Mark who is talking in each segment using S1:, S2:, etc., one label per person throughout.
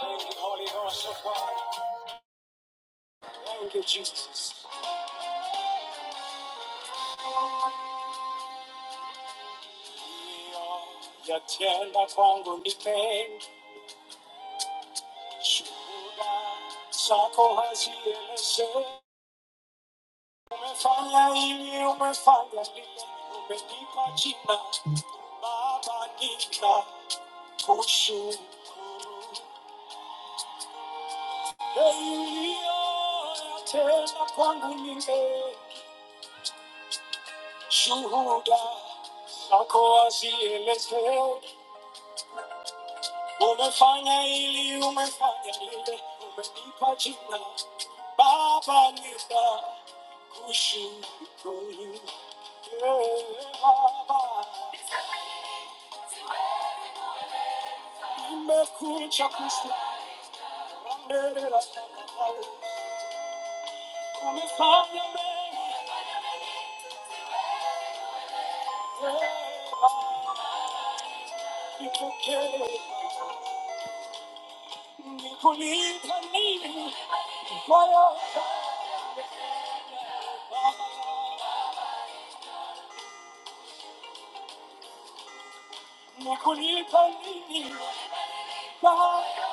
S1: Thank you, Holy Ghost of God. Thank you, Jesus. Ya tenda kwangu ni pengi, shuhuda zako hazieleze. Umefanya hivi, umefanya vile, umenipa jina Baba, ninakushukuru. Hey, uliyotenda kwangu ni mengi, shuhuda zako hazieleze. Umefanya ili umefanya lile umenipa jina Baba nina kushukuru Ewe Baba nimekuja kushukuru Mbele la madhabahu. Umefanya mengi Ewe Baba nipokee Nikulipa nini kwa yote Baba Nikulipa nini Baba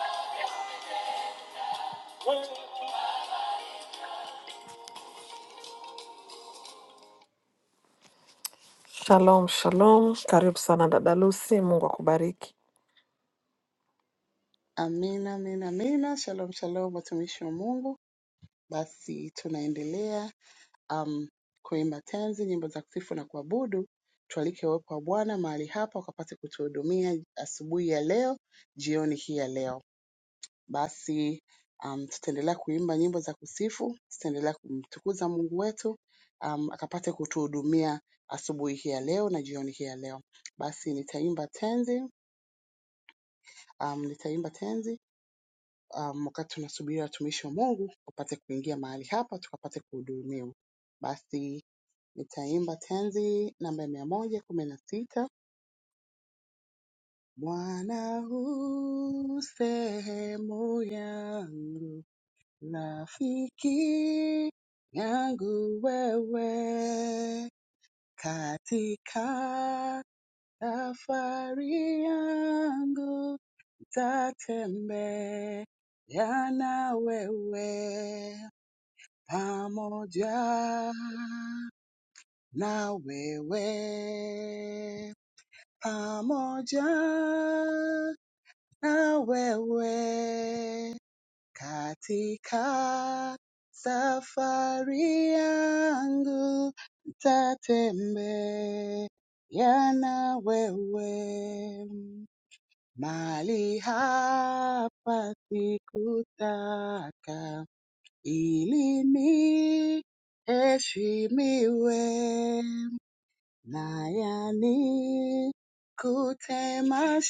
S1: Shalom, shalom. Karibu sana dada Lucy, Mungu akubariki.
S2: Amina, amina, amina. Shalom, shalom, watumishi wa Mungu. Basi tunaendelea um, kuimba tenzi, nyimbo za kusifu na kuabudu. Tualike uwepo wa Bwana mahali hapa wakapate kutuhudumia asubuhi ya leo, jioni hii ya leo. Basi um, tutaendelea kuimba nyimbo za kusifu, tutaendelea kumtukuza Mungu wetu um, akapate kutuhudumia asubuhi hii ya leo na jioni hii ya leo. Basi nitaimba tenzi, um, nitaimba tenzi um, wakati tunasubiri watumishi wa Mungu wapate kuingia mahali hapa tukapate kuhudumiwa. Basi nitaimba tenzi namba mia moja kumi na sita. Bwana hu sehemu yangu, rafiki yangu wewe, katika safari yangu tatembea na wewe pamoja na wewe, pamoja na wewe katika safari yangu, nitatembea na wewe mahali hapa sikutaka Ilimi eshimiwe, na yani kutema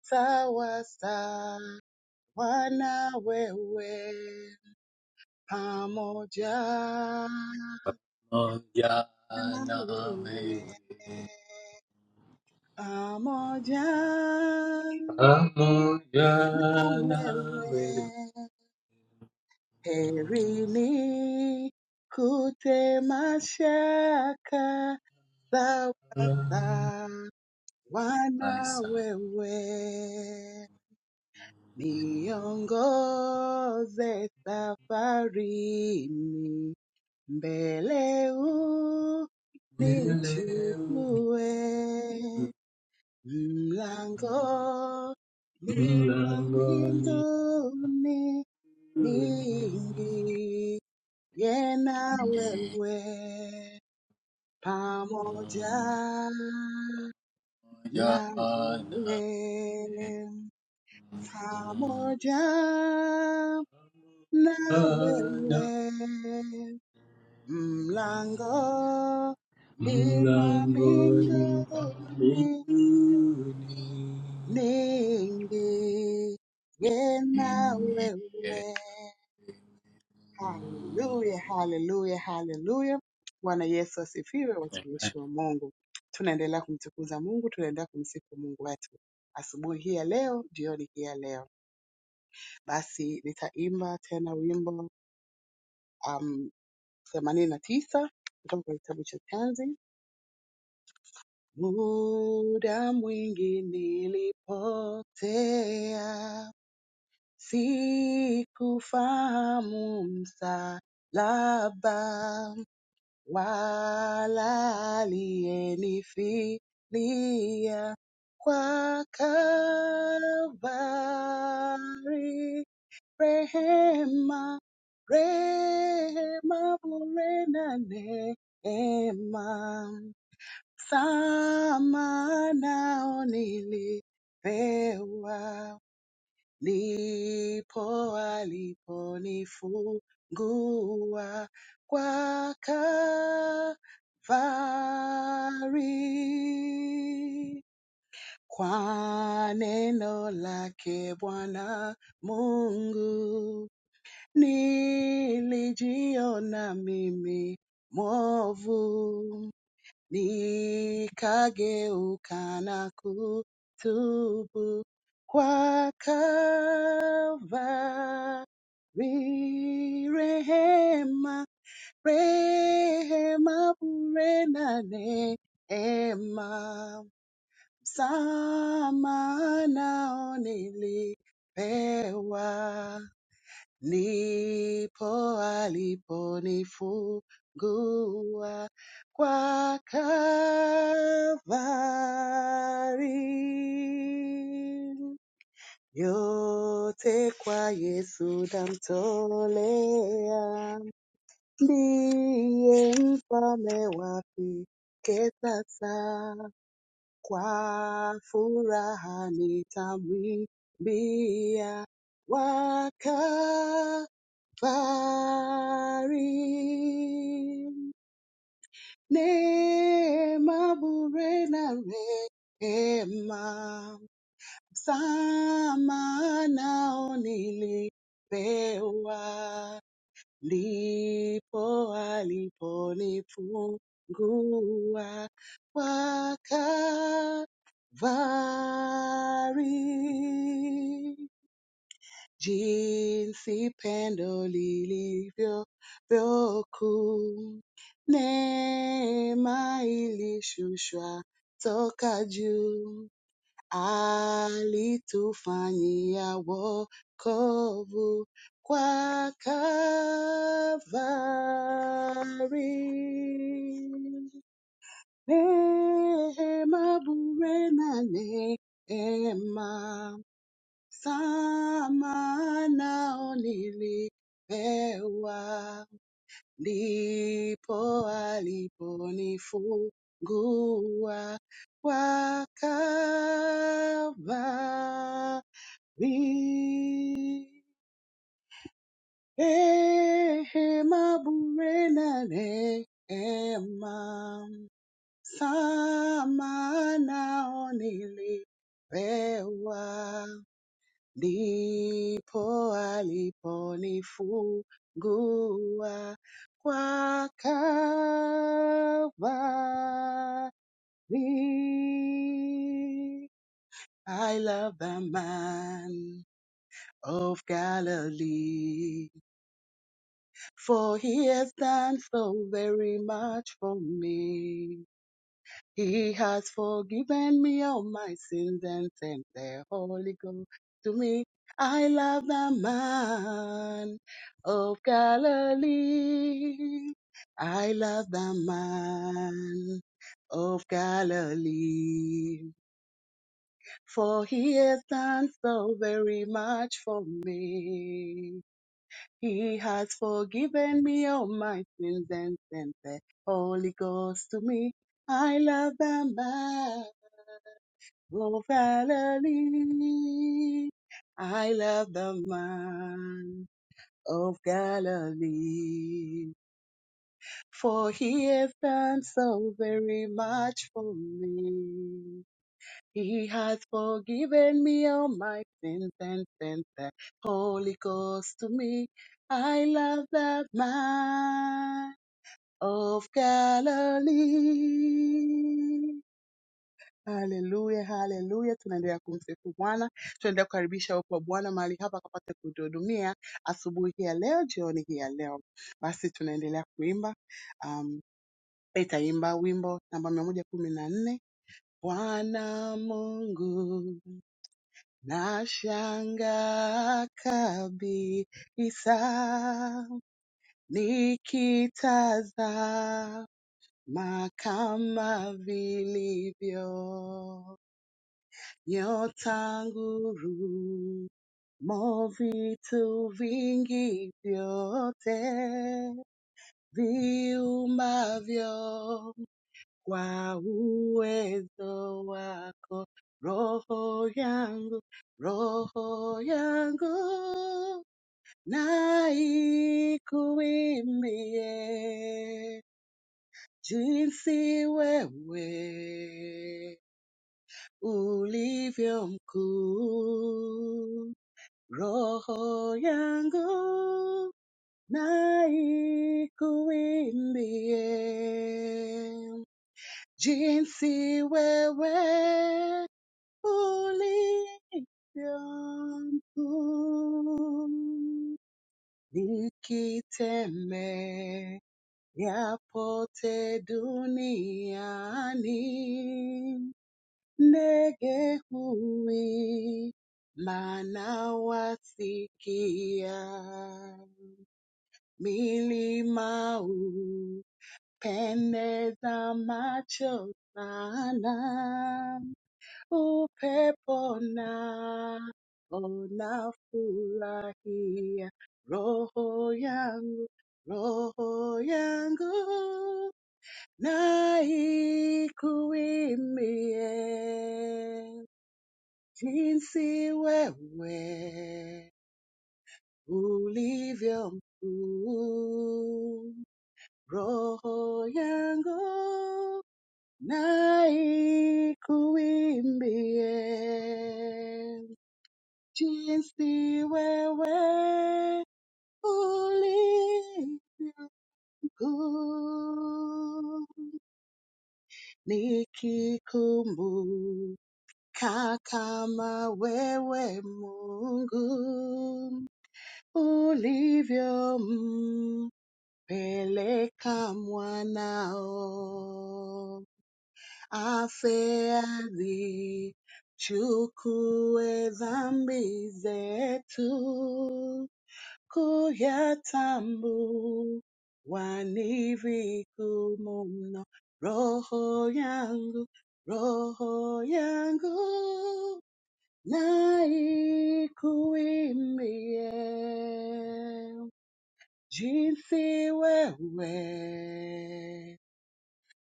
S2: sawa sawa na wewe pamoja na wewe pamoja na wewe herini kutema shaka Sawasa Bwana wewe niongoze safarini mbele unichukue mlango ni mwa mbinguni niingie na wewe pamoja Nawewe pamoja na wewe, mlango ni mwamingoni, niingie na wewe. Hallelujah! Hallelujah! Hallelujah! Bwana Yesu asifiwe, watumishi wa Mungu. Tunaendelea kumtukuza Mungu, tunaendelea kumsifu Mungu wetu asubuhi hii ya leo, jioni hii ya leo. basi nitaimba tena wimbo um, themanini na tisa kutoka kwa kitabu cha Tanzi. Muda mwingi nilipotea, sikufahamu msalaba wala aliyenifilia kwa Kalvari rehema, rehema, bure na neema, sama nao nilipewa, ndipo aliponifungua kwa Kalvari. Kwa neno lake Bwana Mungu Nilijiona mimi mwovu, nikageuka na kutubu kwa Kalvari. Rehema, rehema bure na neema, msamaha nao nilipewa nipo aliponifungua kwa Kalvari. Yote kwa Yesu namtolea, ndiye mfalme wa pekee sasa. Kwa furaha nitamwimbia waka fari ne mabure na re, rehema, msamaha nao nilipewa, ndipo aliponifungua waka Kalvari jinsi pendo lilivyo kuu, neema ilishushwa toka juu, alitufanyia wokovu kwa Kalvari. Neema bure na neema Sama nao nilipewa, ndipo aliponifungua kwa Kalvari. Rehema bure na rehema, sama nao nilipewa ndipo aliponifungua kwa Calvary. I love the man of Galilee, for he has done so very much for me. He has forgiven me all my sins and sent the Holy Ghost to me. I love the man of Galilee. I love the man of Galilee. For he has done so very much for me. He has forgiven me all my sins and sent the Holy Ghost to me. I love the man. Oh, Galilee, I love the man of Galilee, for he hath done so very much for me. He has forgiven me all my sins and sent the Holy Ghost to me. I love the man of Galilee. Haleluya, haleluya. Tunaendelea kumsifu Bwana, tunaendelea kukaribisha uwepo wa Bwana mahali hapa akapate kutuhudumia asubuhi hii ya leo, jioni hii ya leo. Basi tunaendelea kuimba, um, itaimba wimbo namba mia moja kumi na nne Bwana Mungu nashangaa kabisa nikitazama kama vilivyo Your tanguru mo vitu vingi vyote viumavyo kwa uwezo wako, roho yangu, roho yangu na ikuimbie jinsi wewe ulivyo mkuu Roho yangu na ikuimbie jinsi wewe ulivyo mkuu. Nikitembea pote duniani Ndege huwi manawasikia, milima hupendeza macho sana, upepo na unafurahia roho yangu, roho yangu na ikuimbie jinsi wewe ulivyo mkuu. Roho yangu na ikuimbie jinsi wewe ulivyo mkuu. Nikikumbuka kama wewe Mungu ulivyompeleka mwanao afeadhi chukue dhambi zetu kuyatambu ni vigumu mno roho yangu roho yangu na ikuimbie jinsi wewe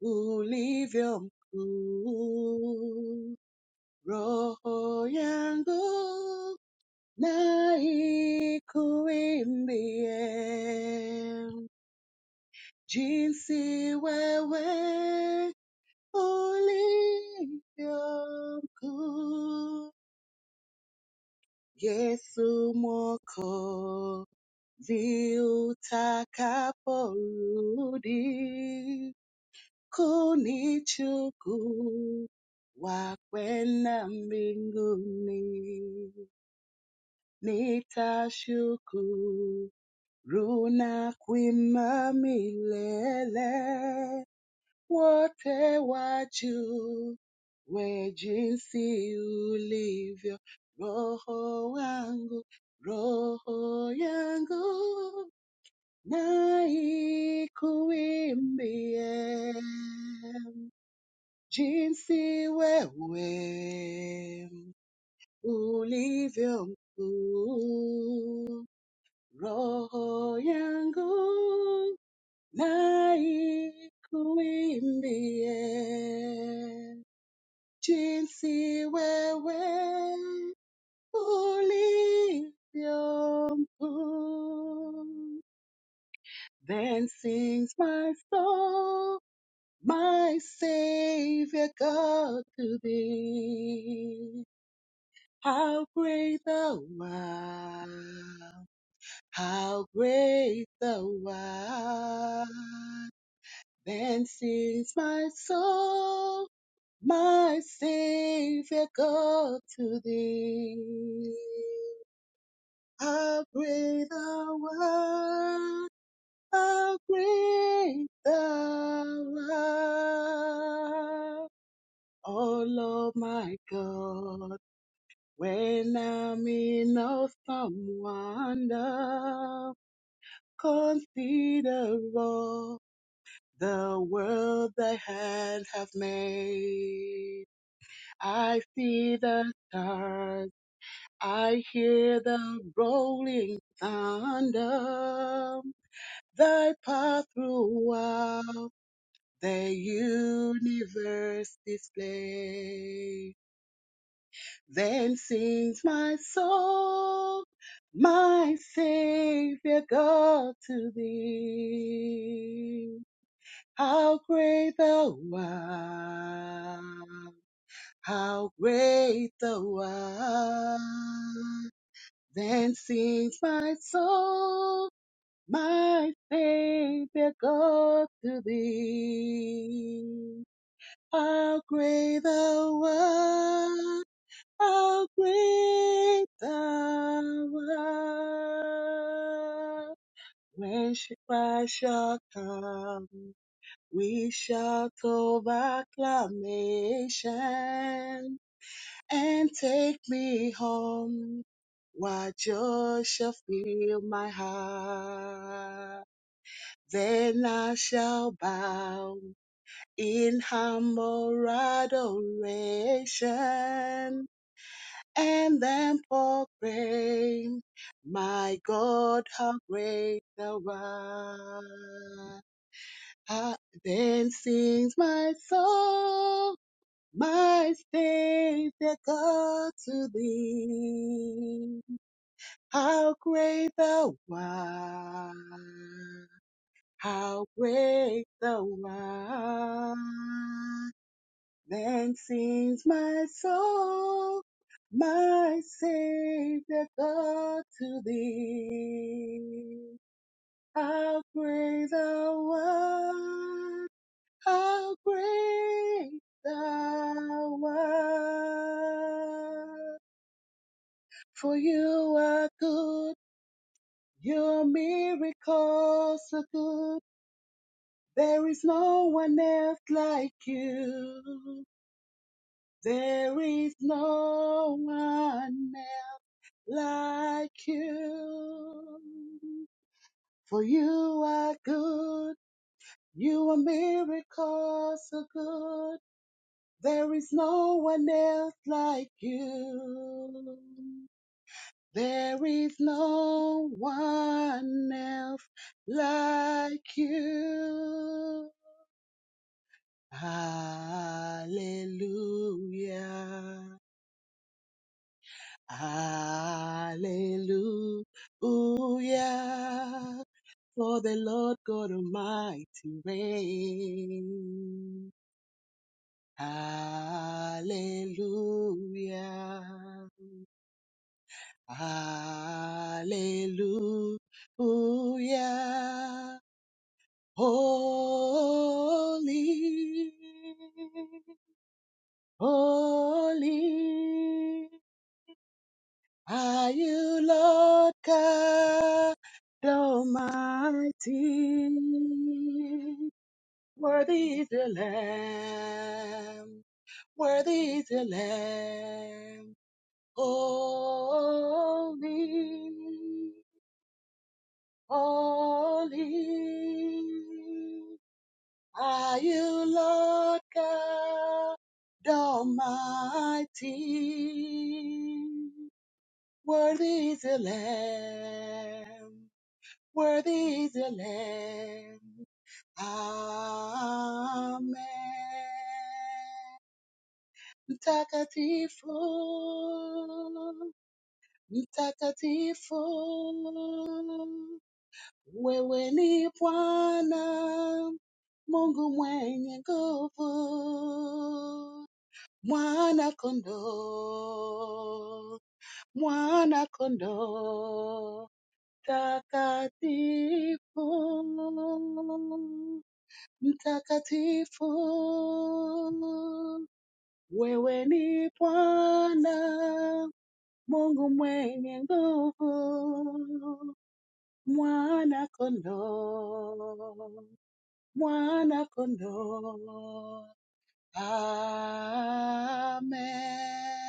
S2: ulivyo mkuu, roho yangu na ikuimbie. Jinsi wewe ulivyo mkuu, Yesu Mwokozi utakaporudi kunichuku wakwenda mbinguni nitashukuru na kuima milele wote wajue jinsi ulivyo roho wangu roho yangu na ikuimbie jinsi wewe ulivyo mkuu. Roho yangu na ikuimbie jinsi wewe ulivyo mkuu. Then sings my soul, my Savior God to thee. How great thou art! How great thou art! Then sings my soul, my Savior God to thee. How great thou art! How great thou art! Oh Lord my God. When I'm in awesome wonder, consider all the world thy hand have made. I see the stars, I hear the rolling thunder, thy path throughout the universe display. Then sings my soul, my Savior God to thee. How great thou art, how great thou art. Then sings my soul, my Savior God to thee. How great thou art. How great thou art. When sh- shall come, we shall acclamation and take me home. While joy shall fill my heart, then I shall bow in humble adoration and then proclaim, My God, how great thou art. Ah, Then sings my soul, my Savior God to thee. How great thou art, how great thou art. Then sings my soul, my Savior God to thee. How great thou art, how great thou art. For you are good, your miracles are good. There is no one else like you. There is no one else like you. For you are good. You are miracles so good. There is no one else like you. There is no one else like you. Hallelujah. Hallelujah. For the Lord God Almighty reigns. Hallelujah. Hallelujah. Holy. Holy. Are you Lord God Almighty? Worthy is the Lamb, worthy is the Lamb. Holy, holy. Are you Lord God Almighty? Worthy is the Lamb. Worthy is the Lamb. Amen. Mtakatifu, mtakatifu, wewe ni Bwana Mungu mwenye nguvu, mwana kondoo, mwana kondoo. Mtakatifu, no, no, no, no, no, mtakatifu, no. wewe ni Bwana Mungu mwenye nguvu, mwana kondoo, mwana kondoo, amen.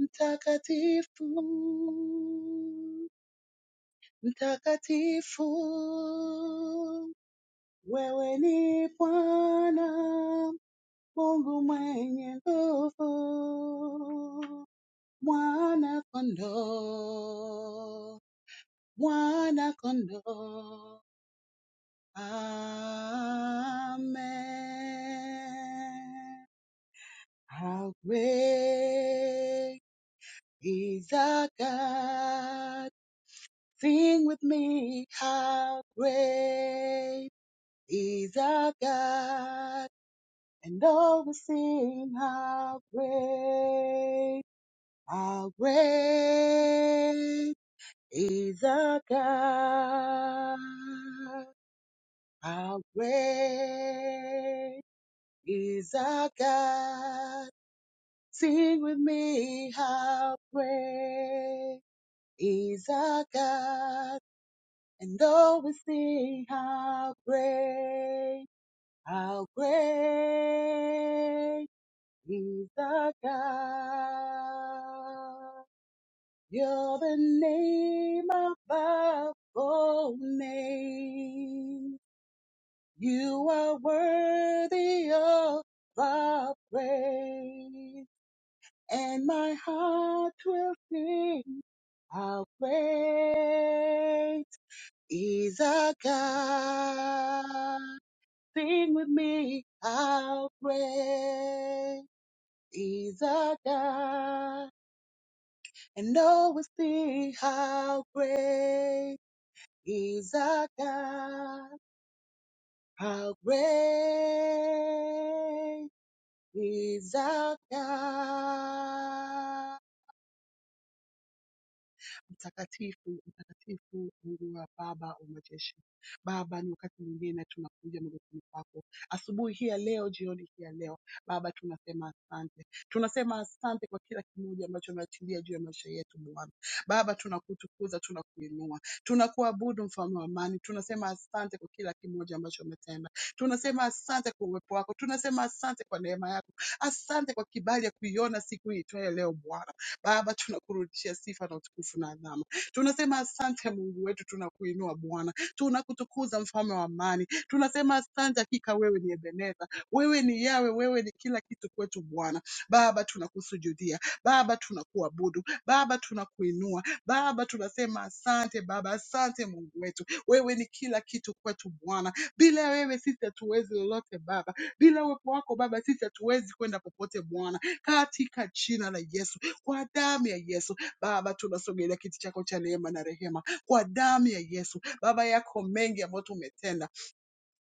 S2: Mtakatifu, mtakatifu Wewe ni Bwana Mungu mwenye nguvu, mwana kondoo, mwana kondoo. Amen. How great is our God? Sing with me, how great is our God? and all will sing how great, how great is our God. How great is our God. Sing with me how great is our God. And all will sing how great, how great He's the God. You're the name above all names. You are worthy of the praise. And my heart will sing how great is our God. Sing with me how great is our God. and always think how great is our God. How great is our God. Mtakatifu, mtakatifu Mungu wa Baba wa majeshi. Baba, ni wakati mwingine tunakuja magotini pako asubuhi hii ya leo, jioni hii ya leo. Baba, tunasema asante, tunasema asante kwa kila kimoja ambacho umeachilia juu ya maisha yetu Bwana. Baba, tunakutukuza, tunakuinua, tunakuabudu mfalme wa amani. Tunasema asante kwa kila kimoja ambacho umetenda. Tunasema asante kwa uwepo wako, tunasema asante kwa neema yako, asante kwa kibali ya kuiona siku hii itwayo leo Bwana. Baba, tunakurudishia sifa na utukufu na adhama. Tunasema asante Mungu wetu, tunakuinua Bwana, tunakutukuza mfalme wa amani. Tunasema asante, hakika wewe ni Ebeneza, wewe ni Yawe, wewe ni kila kitu kwetu Bwana. Baba, tunakusujudia Baba, tunakuabudu Baba, tunakuinua Baba, tunasema asante Baba, asante Mungu wetu, wewe ni kila kitu kwetu Bwana. Bila wewe sisi hatuwezi lolote Baba, bila uwepo wako Baba sisi hatuwezi kwenda popote Bwana, katika jina la Yesu. Kwa damu ya Yesu Baba, tunasogelea kiti chako cha neema na rehema, kwa damu ya Yesu Baba, yako mengi ambayo tumetenda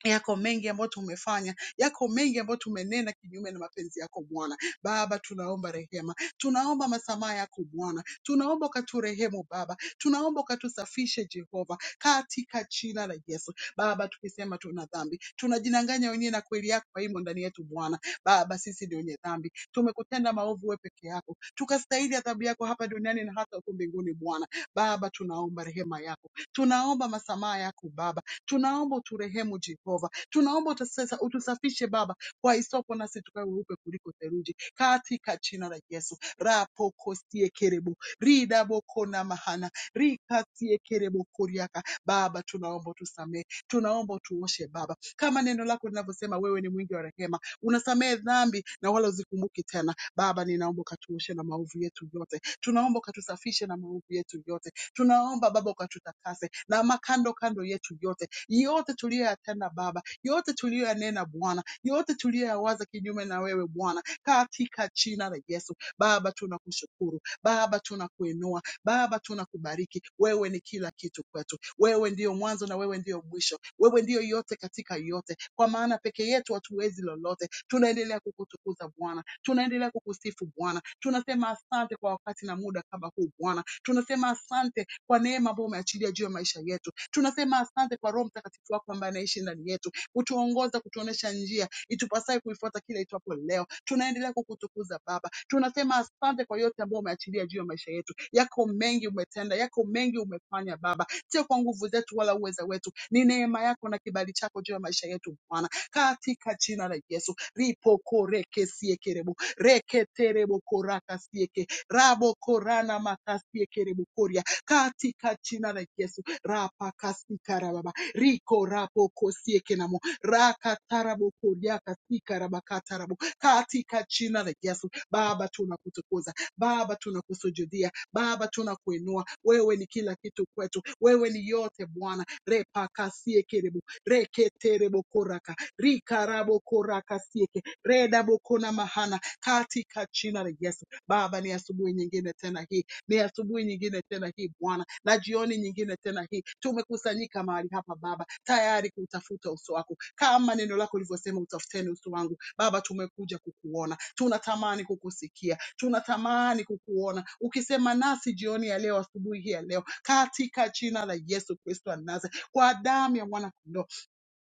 S2: Yako mengi ambayo tumefanya, yako mengi ambayo tumenena kinyume na mapenzi yako Bwana. Baba, tunaomba rehema, tunaomba masamaha yako Bwana, tunaomba ukaturehemu Baba, tunaomba ukatusafishe Jehova, katika jina la Yesu. Baba, tukisema tuna dhambi, tunajidanganya wenyewe na kweli yako haimo ndani yetu Bwana. Baba, sisi ndio wenye dhambi, tumekutenda maovu wewe peke yako, tukastahili adhabu yako hapa duniani na hata huko mbinguni Bwana. Baba, tunaomba rehema yako, tunaomba masamaha yako Baba Tunaomba uturehemu Jehova, tunaomba utusesa- utusafishe Baba kwa hisopo, nasi tukawe weupe kuliko theluji, katika jina la Yesu. Rapoko sie kerebo rida boko na mahana rikatiekerebokoriaka Baba, tunaomba tusamehe, tunaomba utuoshe Baba, kama neno lako linavyosema, wewe ni mwingi wa rehema, unasamehe dhambi na wala uzikumbuki tena. Baba, ninaomba ukatuoshe na maovu yetu yote, tunaomba ukatusafishe na maovu yetu yote Tunaomba Baba ukatutakase na makando kando yetu yote yote tuliyoyatenda Baba, yote tuliyoyanena Bwana, yote tuliyoyawaza kinyume na wewe Bwana, katika jina la Yesu. Baba tunakushukuru, Baba tunakuinua Baba, tunakubariki. Wewe ni kila kitu kwetu. Wewe ndiyo mwanzo na wewe ndiyo mwisho. Wewe ndiyo yote katika yote. Kwa maana peke yetu hatuwezi lolote. Tunaendelea kukutukuza Bwana. Tunaendelea kukusifu Bwana. Tunasema asante kwa wakati na muda kama huu Bwana. Tunasema asante kwa neema ambayo umeachilia juu ya maisha yetu. Tunasema asante kwa Roho Mtakatifu wako ambaye anaishi ndani yetu kutuongoza, kutuonesha njia itupasaye kuifuata kila itwapo leo. Tunaendelea kukutukuza Baba, tunasema asante kwa yote ambayo umeachilia juu ya maisha yetu. Yako mengi umetenda, yako mengi umefanya Baba, sio kwa nguvu zetu wala uweza wetu, ni neema yako na kibali chako juu ya maisha yetu Bwana, katika jina la Yesu. ripokorekesiekerebo korana rabokorana koria. katika jina la Yesu Rapa rapakasikarababa riko rapo kosieke na rakatarabokoriakasikarabakatarabo katika jina la Yesu. Baba, tunakutukuza Baba, tunakusujudia Baba, tunakuinua wewe ni kila kitu kwetu, wewe ni yote Bwana. repakasie kerebo reketerebo koraka rikarabo koraka sieke redabo kona mahana katika jina la Yesu. Baba, ni asubuhi nyingine tena hii, ni asubuhi nyingine tena hii Bwana, na jioni nyingine nyingine tena hii. Tumekusanyika mahali hapa Baba, tayari kutafuta uso wako, kama neno lako lilivyosema, utafuteni uso wangu. Baba, tumekuja kukuona, tunatamani kukusikia, tunatamani kukuona. Ukisema nasi jioni ya leo, asubuhi hii ya leo, katika jina la Yesu Kristo wa Nazareth, kwa damu ya mwana kondoo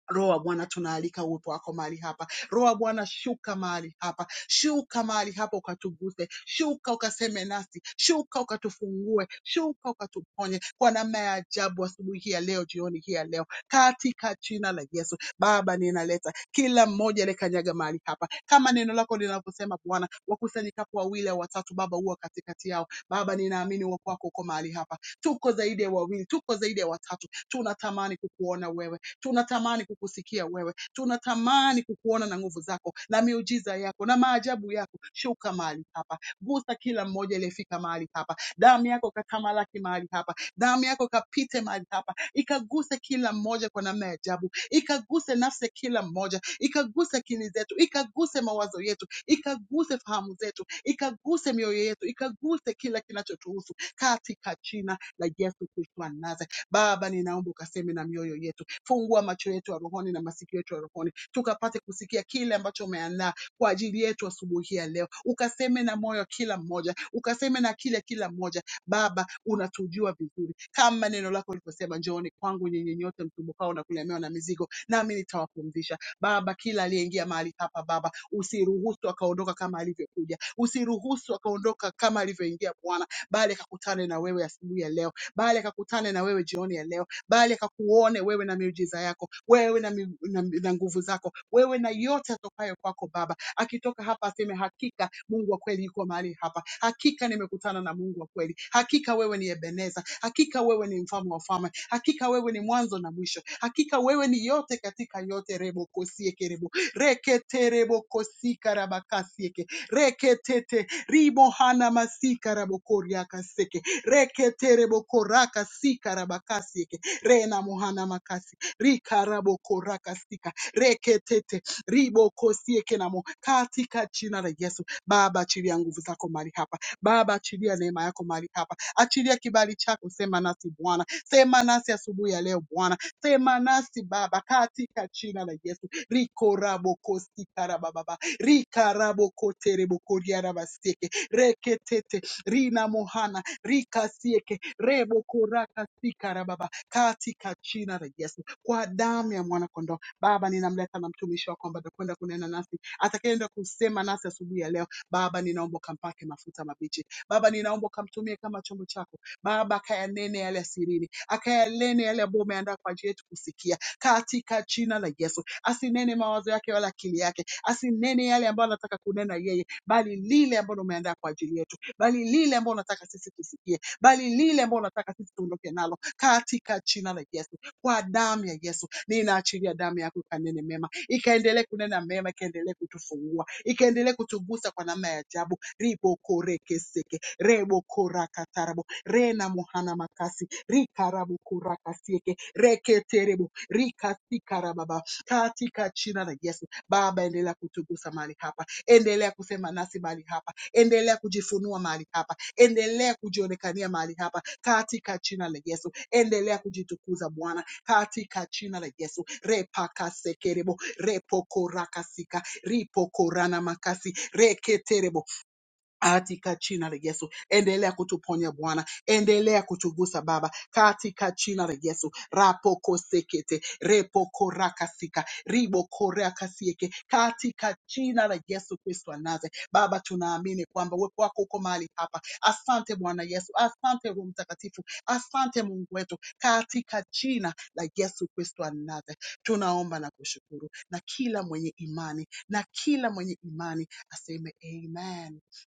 S2: Roho wa Bwana, tunaalika uwepo wako mahali hapa. Roho wa Bwana, shuka mahali hapa, shuka mahali hapa ukatuguse, shuka ukaseme nasi, shuka ukatufungue, shuka ukatuponye kwa namna ya ajabu, asubuhi hii ya leo, jioni hii ya leo, katika jina la Yesu. Baba, ninaleta kila mmoja aliyekanyaga mahali hapa, kama neno lako linavyosema Bwana, wakusanyikapo wawili au watatu, Baba huwa katikati yao. Baba, ninaamini uwepo wako uko mahali hapa, tuko zaidi ya wawili, tuko zaidi ya watatu, tunatamani kukuona wewe Tunatamani kukusikia wewe, tunatamani kukuona na nguvu zako na miujiza yako na maajabu yako. Shuka mahali hapa, gusa kila mmoja aliyefika mahali hapa. Damu yako katamalaki mahali hapa, damu yako kapite mahali hapa, ikaguse kila mmoja kwa namna ya ajabu, ikaguse nafsi ya kila mmoja, ikaguse akili zetu, ikaguse mawazo yetu, ikaguse fahamu zetu, ikaguse mioyo yetu, ikaguse kila kinachotuhusu katika jina la Yesu Kristo wa Nazareth. Baba, ninaomba ukaseme na mioyo yetu, fungua macho yetu ya rohoni na masikio yetu ya rohoni, tukapate kusikia kile ambacho umeandaa kwa ajili yetu asubuhi ya leo. Ukaseme na moyo kila mmoja, ukaseme na kile kila mmoja. Baba, unatujua vizuri, kama neno lako liposema, njooni kwangu nyinyi nyote msumbukao na kulemewa na mizigo, nami nitawapumzisha. Baba, kila aliyeingia mahali hapa Baba, usiruhusu akaondoka kama alivyokuja, usiruhusu akaondoka kama alivyoingia Bwana, bali akakutane na wewe asubuhi ya leo Bali akakutane na wewe jioni ya leo, Bali akakuone wewe na miujiza yako, wewe na, miu- na, na nguvu zako, wewe na yote yatokayo kwako Baba. Akitoka hapa aseme hakika Mungu wa kweli yuko mahali hapa, hakika nimekutana na Mungu wa kweli, hakika wewe ni Ebeneza, hakika wewe ni mfalme wa wafalme, hakika wewe ni mwanzo na mwisho, hakika wewe ni yote katika yote. Rebo kosie kerebo rekete rebo kosi karabakasieke reketete ribo hana masika rabo koria kaseke reketerebo koraka sika sikarabakasi rena mohana makasi rikarabo koraka sika reketete Ribo kosi sieke namo katika jina la Yesu. Baba, achilia nguvu zako mahali hapa. Baba, achilia neema yako mahali hapa, achilia kibali chako, sema nasi Bwana, sema nasi asubuhi ya leo Bwana Sema nasi Baba katika jina la Yesu. Rikorabokosi karababa. Rikarabokoterebokoriarabaseke. Reketete rina mohana rikasieke rebokorakasikarababa katika jina la Yesu. Kwa damu ya mwanakondoo Baba, ninamleta na mtumishi wako ambaye atakwenda kunena nasi, atakayeenda kusema nasi asubuhi ya leo. Baba, ninaomba ukampake mafuta mabichi. Baba, ninaomba ukamtumie kama chombo chako Baba kayanene yale asirini, akayanene yale ambayo umeandaa kwa ajili yetu kusikia katika jina la Yesu. Asinene mawazo yake wala akili yake, asinene yale ambayo anataka kunena yeye, bali lile ambalo umeandaa kwa ajili yetu, bali lile ambalo unataka sisi tusikie, bali lile ambalo unataka sisi tuondoke nalo katika jina la Yesu. Kwa damu ya Yesu ninaachilia damu yako ikanene mema ikaendelee kunena mema, ikaendelee kutufungua, ikaendelee kutugusa kwa namna ya ajabu. ribokorekeseke rebokorakatarabo rena muhana makasi rikarabokorakasieke reketerebo rikasikarababa katika jina la Yesu. Baba, endelea kutugusa mahali hapa, endelea kusema nasi mahali hapa, endelea kujifunua mahali hapa, endelea kujionekania mahali hapa katika jina la Yesu. Endelea kujitukuza Bwana katika jina la Yesu. Repakasekerebo, repokorakasika, ripokoranamakasi, reketerebo. Atika china la Yesu, endelea kutuponya Bwana, endelea kutugusa Baba, katika china la Yesu. Rapoko sekete, repoko rakasika, riboko rakasieke, katika china la Yesu Kristo wa Nazareth. Baba, tunaamini kwamba uwepo wako uko mahali hapa. Asante Bwana Yesu, asante Roho Mtakatifu, asante Mungu wetu, katika china la Yesu Kristo wa Nazareth. Tunaomba na kushukuru, na kila mwenye imani, na kila mwenye imani aseme amen.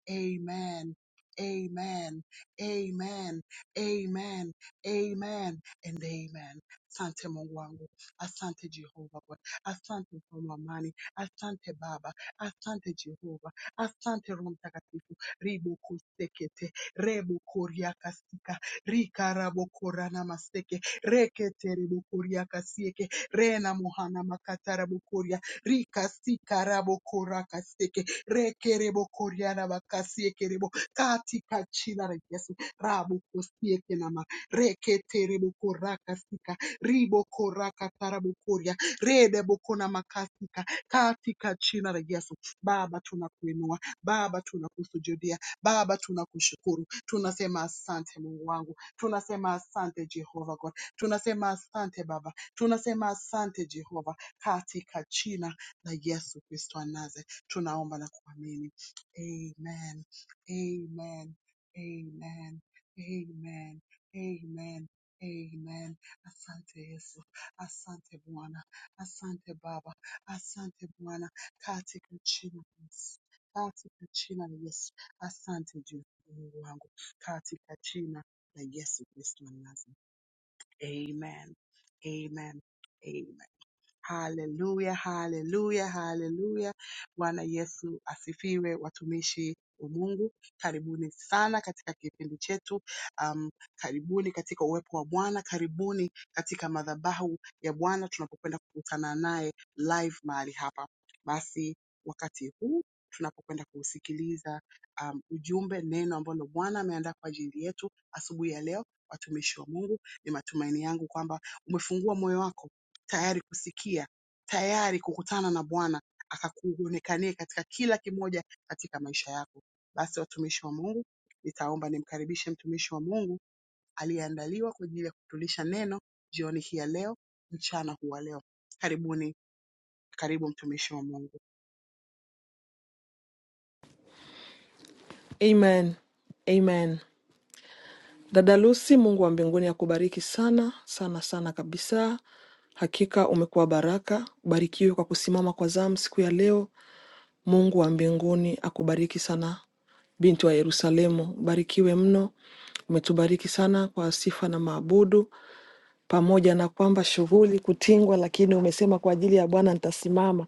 S2: Amen. Amen. Amen. Amen. Amen. And amen. Asante Mungu wangu. Asante Jehova Bwana. Asante mfalme wa amani. Asante Baba. Asante Jehova. Asante Roho Mtakatifu. Ribo kusekete. Rebo koria kasika. Rika rabo korana maseke. Rekete rebo koria kasieke. Rena mohana makatara bukuria rikasika rabokora kaseke rekerebo koriana bakasiekerebo katika china la Yesu rabu kosieke nama reketerebo koraka sika ribo koraka tarabu koria redebo kona makasika katika china la Baba tunakuinua Baba tunakusujudia Baba tunakushukuru tunasema asante Mungu wangu tunasema asante Jehova God tunasema asante Baba tunasema asante Jehova katika china na Yesu Kristo wa Nazareth. Tunaomba na kuamini. Amen. Amen. Amen. Amen. Amen. Amen. Asante Yesu. Asante Bwana. Asante Baba. Asante Bwana katika jina la Yesu. Katika jina la Yesu. Asante juu Mungu wangu katika jina la Yesu Kristo wa Nazareth. Amen. Amen. Amen. Haleluya, haleluya, haleluya. Bwana Yesu asifiwe, watumishi wa Mungu. Karibuni sana katika kipindi chetu. Um, karibuni katika uwepo wa Bwana, karibuni katika madhabahu ya Bwana tunapokwenda kukutana naye live mahali hapa. Basi wakati huu tunapokwenda kusikiliza um, ujumbe, neno ambalo Bwana ameandaa kwa ajili yetu asubuhi ya leo, watumishi wa Mungu, ni matumaini yangu kwamba umefungua moyo wako tayari kusikia, tayari kukutana na Bwana akakuonekanie katika kila kimoja katika maisha yako. Basi watumishi wa Mungu, nitaomba nimkaribishe mtumishi wa Mungu aliyeandaliwa kwa ajili ya kutulisha neno jioni hii ya leo, mchana huu wa leo. Karibuni, karibu mtumishi wa Mungu.
S1: Amen. Amen. Dada Lucy, Mungu wa mbinguni akubariki sana sana sana kabisa. Hakika umekuwa baraka. Ubarikiwe kwa kusimama kwa zamu siku ya leo. Mungu wa mbinguni akubariki sana, binti wa Yerusalemu. Ubarikiwe mno. Umetubariki sana kwa sifa na maabudu. pamoja na kwamba shughuli kutingwa, lakini umesema kwa ajili ya Bwana nitasimama.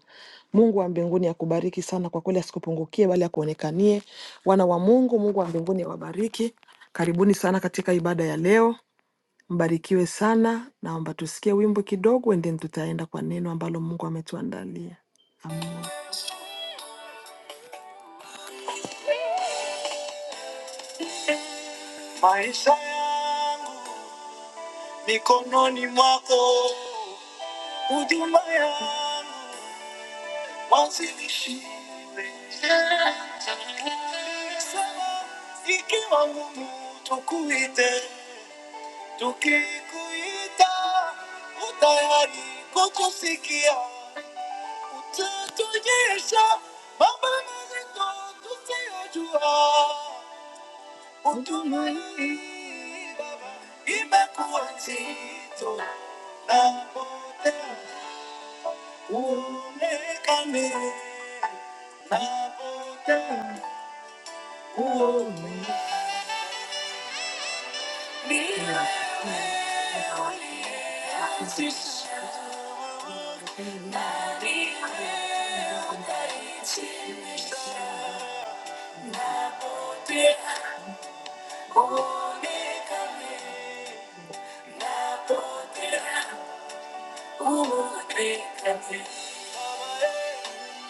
S1: Mungu wa mbinguni akubariki sana kwa kweli, asikupungukie bali akuonekanie. Wana wa Mungu, Mungu wa mbinguni awabariki. Karibuni sana katika ibada ya leo, mbarikiwe sana. Naomba tusikie wimbo kidogo, endeni tutaenda kwa neno ambalo Mungu ametuandalia. Amen. Maisha yangu mikononi mwako, huduma yangu wasilishime ikiwa ngumu tukuite tukikuita utayari kutusikia utatuonyesha mambo mazito tusiyojua huduma hii baba imekuwa nzito napotea uonekane napotea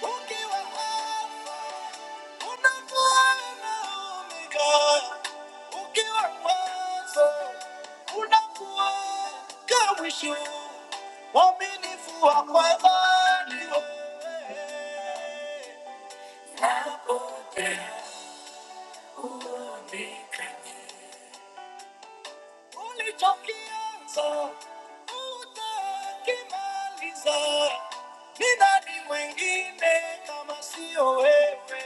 S1: Ukiwa hapa, unakuona Omega. Ukiwa unakuwa kama mwisho. ni wewe. ulichokianza utakimaliza. Ni nani mwingine kama sio wewe?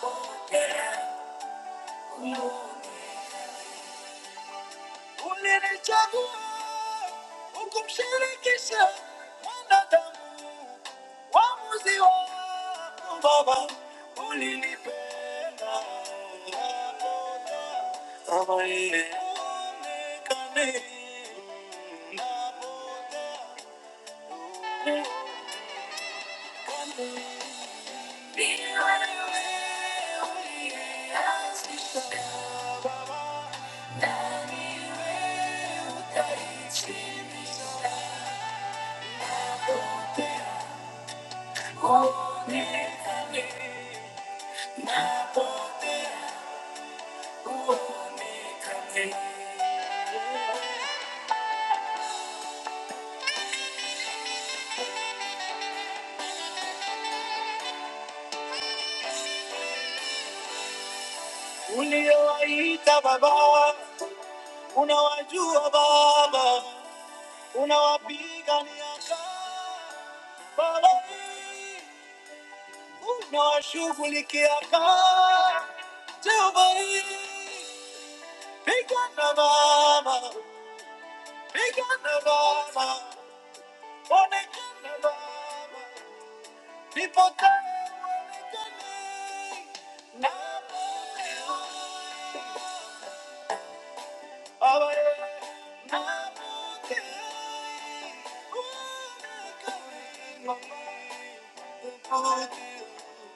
S1: Pokea. Ulinichagua ukumshirikisha mwanadamu, uamuzi wako Baba ulinipenda kama yeye uonekane ni wewe uliyeanzisha Uliowaita baba, unawajua Baba, unawapigania Baba, unawashughulikia Baba, Jehovah, pigana Baba. Thank you.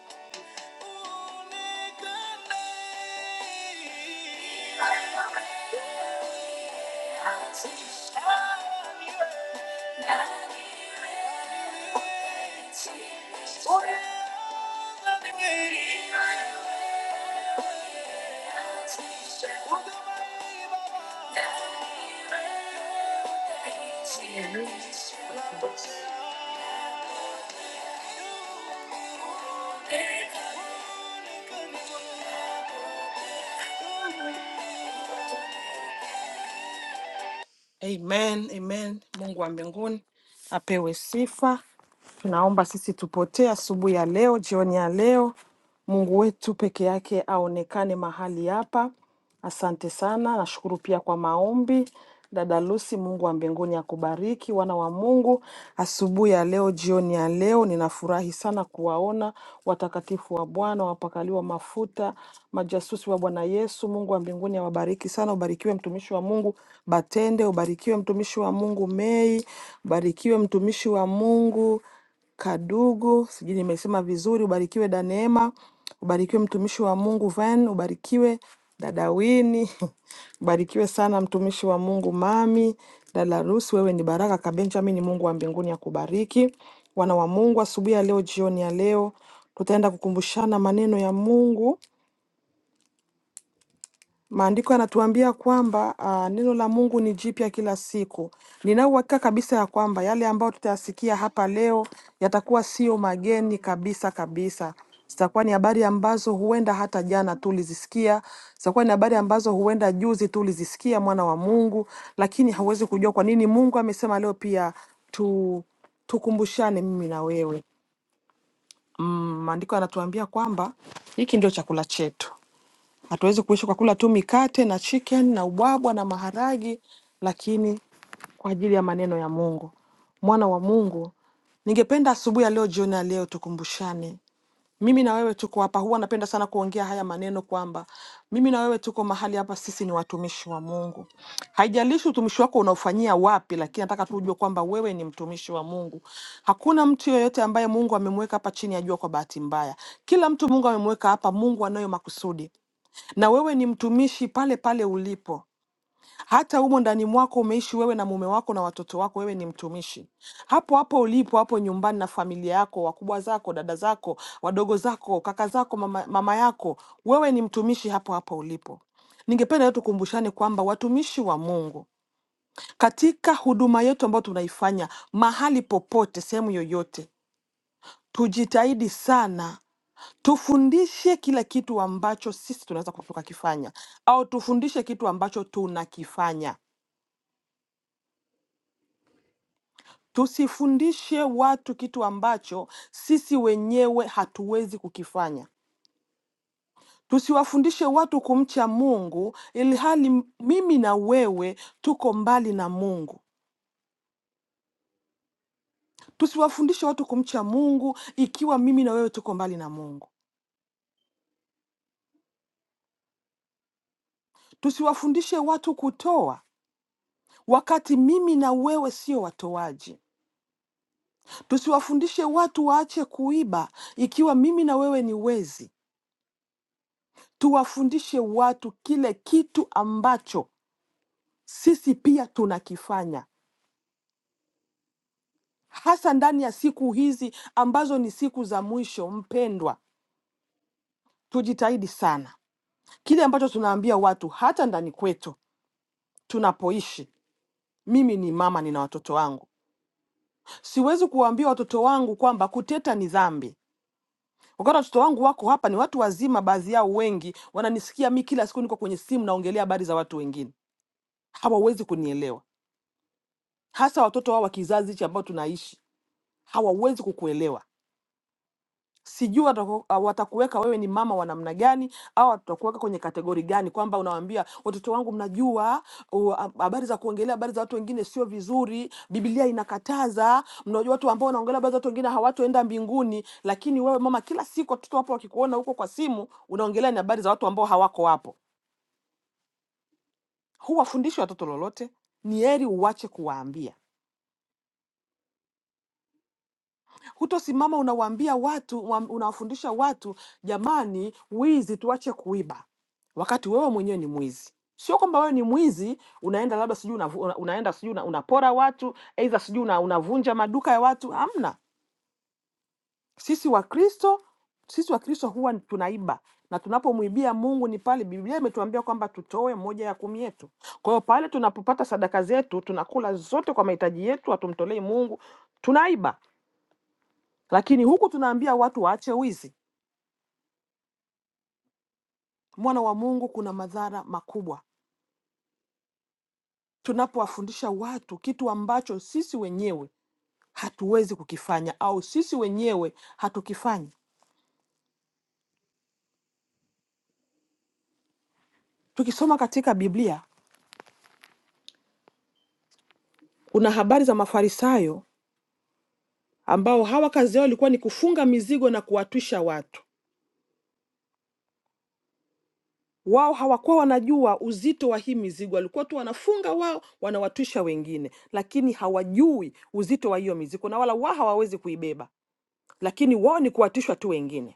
S1: Yeah. Thank you. Amen, amen. Mungu wa mbinguni apewe sifa. Tunaomba sisi tupotee asubuhi ya leo, jioni ya leo. Mungu wetu peke yake aonekane mahali hapa. Asante sana, nashukuru pia kwa maombi. Dada Lucy, Mungu wa mbinguni akubariki. Wana wa Mungu, asubuhi ya leo, jioni ya leo, ninafurahi sana kuwaona watakatifu wa Bwana wapakaliwa mafuta, majasusi wa Bwana Yesu. Mungu wa mbinguni awabariki tunawabariki sana. Ubarikiwe mtumishi wa Mungu Batende, ubarikiwe mtumishi wa Mungu Mei, ubarikiwe mtumishi wa Mungu Kadugu, sijui nimesema vizuri. Ubarikiwe Daneema, ubarikiwe mtumishi wa Mungu Van, ubarikiwe dada Wini, ubarikiwe sana mtumishi wa Mungu Mami, dada Rusi, wewe ni baraka kabenjamin. Mungu wa mbinguni akubariki. Wana wa Mungu, asubuhi ya leo, jioni ya leo, tutaenda kukumbushana maneno ya Mungu Maandiko yanatuambia kwamba uh, neno la Mungu ni jipya kila siku. Nina uhakika kabisa ya kwamba yale ambayo tutayasikia hapa leo yatakuwa sio mageni kabisa kabisa. Zitakuwa ni habari ambazo huenda hata jana tulizisikia, zitakuwa ni habari ambazo huenda juzi tulizisikia, mwana wa Mungu, lakini hauwezi kujua kwa nini Mungu amesema leo pia tu tukumbushane mimi na wewe. Mm, Maandiko yanatuambia kwamba hiki ndio chakula chetu. Hatuwezi kuishi kwa kula tu mikate na chicken na ubwabwa na maharagi, lakini kwa ajili ya maneno ya Mungu, mwana wa Mungu. Ningependa asubuhi ya leo, jioni ya leo, tukumbushane. Mimi na wewe tuko hapa, huwa napenda sana kuongea haya maneno kwamba mimi na wewe tuko mahali hapa, sisi ni watumishi wa Mungu. Haijalishi utumishi wako unaofanyia wapi, lakini nataka tujue kwamba wewe ni mtumishi wa Mungu. Hakuna mtu yoyote ambaye Mungu amemweka hapa chini ya jua kwa bahati mbaya. Kila mtu Mungu amemweka hapa, Mungu anayo makusudi na wewe ni mtumishi pale pale ulipo. Hata humo ndani mwako umeishi wewe na mume wako na watoto wako, wewe ni mtumishi hapo hapo ulipo, hapo nyumbani na familia yako, wakubwa zako, dada zako, wadogo zako, kaka zako, mama, mama yako, wewe ni mtumishi hapo hapo ulipo. Ningependa leo tukumbushane kwamba watumishi wa Mungu katika huduma yetu ambayo tunaifanya mahali popote, sehemu yoyote, tujitahidi sana tufundishe kila kitu ambacho sisi tunaweza ku- tukakifanya au tufundishe kitu ambacho tunakifanya tusifundishe watu kitu ambacho sisi wenyewe hatuwezi kukifanya tusiwafundishe watu kumcha mungu ili hali m- mimi na wewe tuko mbali na mungu tusiwafundishe watu kumcha mungu ikiwa mimi na wewe tuko mbali na mungu tusiwafundishe watu kutoa wakati mimi na wewe sio watoaji Tusiwafundishe watu waache kuiba ikiwa mimi na wewe ni wezi. Tuwafundishe watu kile kitu ambacho sisi pia tunakifanya, hasa ndani ya siku hizi ambazo ni siku za mwisho. Mpendwa, tujitahidi sana kile ambacho tunaambia watu, hata ndani kwetu tunapoishi. Mimi ni mama, nina watoto wangu, siwezi kuwaambia watoto wangu kwamba kuteta ni dhambi. Wakati watoto wangu wako hapa ni watu wazima, baadhi yao wengi wananisikia mi kila siku niko kwenye simu naongelea habari za watu wengine, hawawezi kunielewa, hasa watoto wao wa kizazi hichi ambao tunaishi hawawezi kukuelewa. sijui watako- ah, watakuweka wewe ni mama wa namna gani au watakuweka kwenye kategori gani kwamba unawambia watoto wangu mnajua u- ah, habari za kuongelea habari za watu wengine sio vizuri biblia inakataza mnajua watu ambao wanaongelea habari za watu wengine hawatoenda mbinguni lakini wewe mama kila siku watoto wapo wakikuona huko kwa simu unaongelea ni habari za watu ambao hawako hapo huwafundishi watoto lolote ni heri uwache kuwaambia Hutosimama unawaambia watu, wa- unawafundisha watu, jamani, wizi tuache kuiba, wakati wewe mwenyewe ni mwizi. Sio kwamba wewe ni mwizi, unaenda labda sijui unavu- una, unaenda sijui una, unapora watu, aidha sijui una, unavunja maduka ya watu. Hamna, sisi Wakristo, sisi Wakristo huwa tunaiba na tunapomwibia Mungu ni pale Biblia imetuambia kwamba tutoe moja ya kumi yetu. Kwa hiyo pale tunapopata sadaka zetu tunakula zote kwa mahitaji yetu, hatumtolei Mungu, tunaiba. Lakini huku tunaambia watu waache wizi, mwana wa Mungu, kuna madhara makubwa tunapowafundisha watu kitu ambacho sisi wenyewe hatuwezi kukifanya au sisi wenyewe hatukifanyi. Tukisoma katika Biblia kuna habari za Mafarisayo ambao hawa kazi yao ilikuwa ni kufunga mizigo na kuwatwisha watu. Wao hawakuwa wanajua uzito wa hii mizigo, walikuwa tu wanafunga wao, wanawatwisha wengine, lakini hawajui uzito wa hiyo mizigo na wala wao hawawezi kuibeba, lakini wao ni kuwatwishwa tu wengine.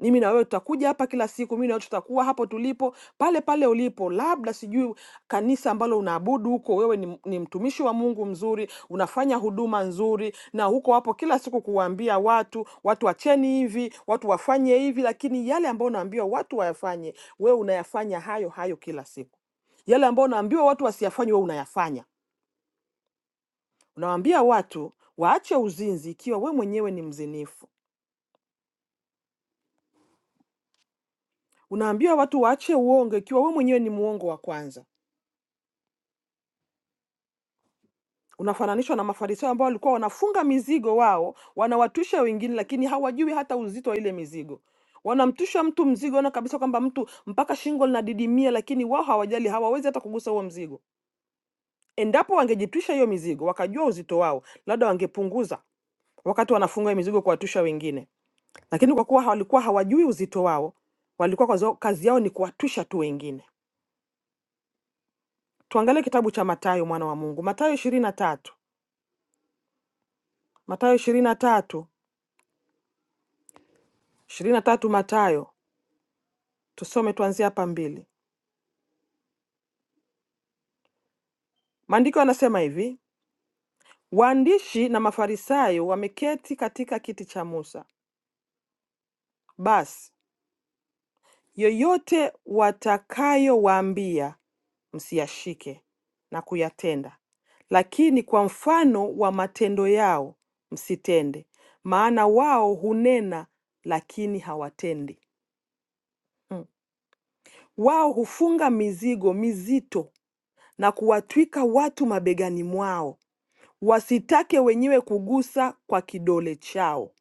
S1: mimi na wewe tutakuja hapa kila siku, mimi na wewe tutakuwa hapo tulipo pale pale ulipo. Labda sijui kanisa ambalo unaabudu huko, wewe ni, ni mtumishi wa Mungu mzuri, unafanya huduma nzuri, na huko hapo kila siku kuwaambia watu, watu wacheni hivi, watu wafanye hivi, lakini yale ambayo unaambiwa watu wayafanye, wewe unayafanya hayo hayo kila siku. Yale ambayo unaambiwa watu wasiyafanye, wewe unayafanya. Unawaambia watu waache uzinzi, ikiwa wewe mwenyewe ni mzinifu. Unaambia watu waache uongo, ikiwa wewe mwenyewe ni muongo wa kwanza Unafananishwa na Mafarisayo ambao walikuwa wanafunga mizigo wao, wanawatusha wengine, lakini hawajui hata uzito wa ile mizigo. Wanamtusha mtu mzigo, wana kabisa kwamba mtu mpaka shingo linadidimia, lakini wao hawajali, hawawezi hata kugusa huo mzigo. Endapo wangejitusha hiyo mizigo, wakajua uzito wao, labda wangepunguza wakati wanafunga hiyo mizigo kuwatusha wengine, lakini kwa kuwa walikuwa hawajui uzito wao, walikuwa kwa zao- kazi yao ni kuwatusha tu wengine. Tuangalie kitabu cha Mathayo mwana wa Mungu, Mathayo ishirini na tatu Mathayo ishirini na tatu ishirini na tatu Mathayo Tusome tuanzie hapa mbili. Maandiko yanasema hivi: waandishi na Mafarisayo wameketi katika kiti cha Musa. Basi yoyote watakayowaambia msiyashike na kuyatenda, lakini kwa mfano wa matendo yao msitende, maana wao hunena lakini hawatendi. Mm. Wao hufunga mizigo mizito na kuwatwika watu mabegani mwao wasitake wenyewe kugusa kwa kidole chao.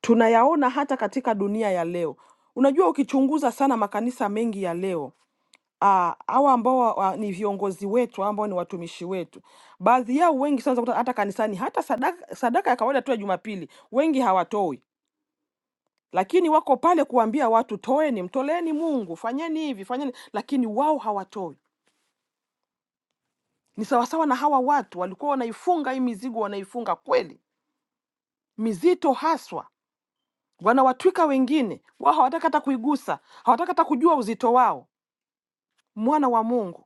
S1: Tunayaona hata katika dunia ya leo. Unajua, ukichunguza sana makanisa mengi ya leo ah, hawa ambao wa, wa- ni viongozi wetu hawa ambao ni watumishi wetu, baadhi yao wengi sana utakuta hata kanisani, hata sadaka, sadaka ya kawaida tu ya Jumapili wengi hawatoi, lakini wako pale kuambia watu toeni, mtoleeni Mungu, fanyeni hivi, fanyeni, lakini wao hawatoi. Ni sawasawa na hawa watu walikuwa wanaifunga hii mizigo, wanaifunga kweli mizito haswa wanawatwika wengine, wao hawataka hata kuigusa, hawataka hata kujua uzito wao. Mwana wa Mungu,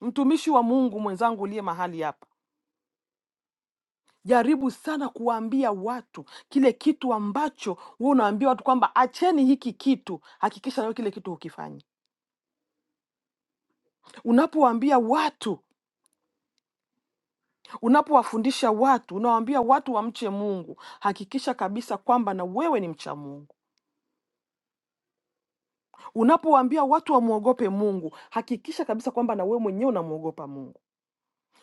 S1: mtumishi wa Mungu mwenzangu uliye mahali hapa, jaribu sana kuwaambia watu kile kitu ambacho wewe unawaambia watu kwamba acheni hiki kitu, hakikisha nawe kile kitu hukifanyi. Unapowaambia watu, unapowafundisha watu, unawaambia watu wamche Mungu, hakikisha kabisa kwamba na wewe ni mcha Mungu. Unapowaambia watu wamwogope Mungu, hakikisha kabisa kwamba na wewe mwenyewe unamwogopa Mungu.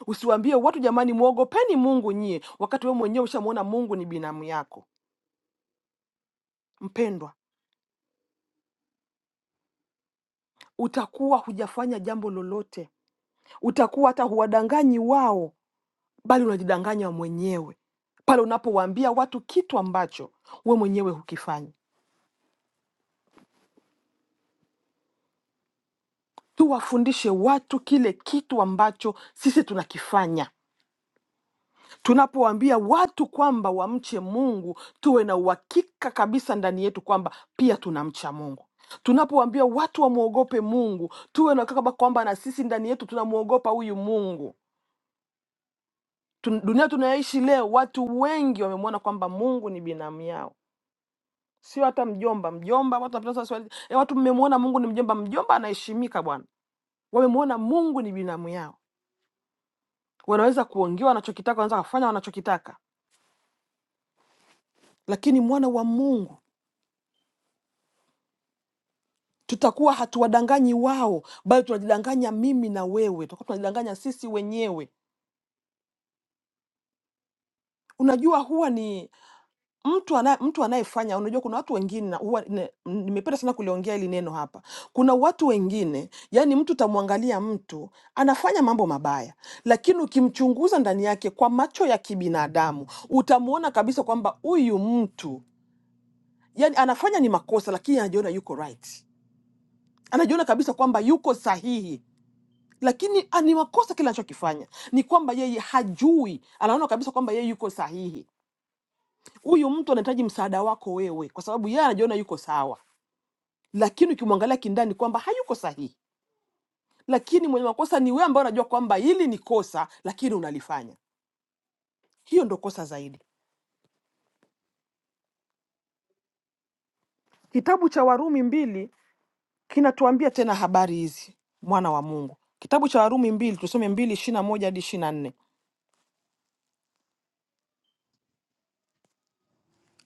S1: Usiwaambie watu jamani, mwogopeni Mungu nyie, wakati wewe mwenyewe ushamwona Mungu ni binamu yako. Mpendwa, utakuwa hujafanya jambo lolote, utakuwa hata huwadanganyi wao, bali unajidanganya mwenyewe pale unapowaambia watu kitu ambacho we mwenyewe hukifanyi. Tuwafundishe watu kile kitu ambacho sisi tunakifanya tunapowaambia watu kwamba wamche Mungu, tuwe na uhakika kabisa ndani yetu kwamba pia tunamcha Mungu. Tunapowaambia watu wamwogope Mungu, tuwe na uhakika kwamba na sisi ndani yetu tunamwogopa huyu Mungu. Tun- Dunia tunayoishi leo, watu wengi wamemwona kwamba Mungu ni binamu yao, sio hata mjomba. Mjomba watu wanapenda sana swali, e, watu mmemwona Mungu ni mjomba. Mjomba anaheshimika bwana, wamemwona Mungu ni binamu yao, wanaweza kuongea wanachokitaka, wanaweza kufanya wanachokitaka, lakini mwana wa Mungu tutakuwa hatuwadanganyi wao bali tunajidanganya mimi na wewe tutakuwa tunajidanganya sisi wenyewe unajua huwa ni mtu ana, mtu anayefanya unajua kuna watu wengine na huwa ne- m- nimependa sana kuliongea hili neno hapa kuna watu wengine yani mtu utamwangalia mtu anafanya mambo mabaya lakini ukimchunguza ndani yake kwa macho ya kibinadamu utamwona kabisa kwamba huyu mtu yani anafanya ni makosa lakini anajiona yuko right anajiona kabisa kwamba yuko sahihi lakini ah, ni makosa kile anachokifanya ni kwamba yeye hajui anaona kabisa kwamba yeye yuko sahihi huyu mtu anahitaji msaada wako wewe kwa sababu yeye anajiona yuko sawa lakini ukimwangalia kindani kwamba hayuko sahihi lakini mwenye makosa ni wewe ambaye unajua kwamba hili ni kosa lakini unalifanya hiyo ndo kosa zaidi kitabu cha warumi mbili kinatuambia tena habari hizi mwana wa mungu kitabu cha warumi mbili tusome mbili ishiri na moja hadi ishiri na nne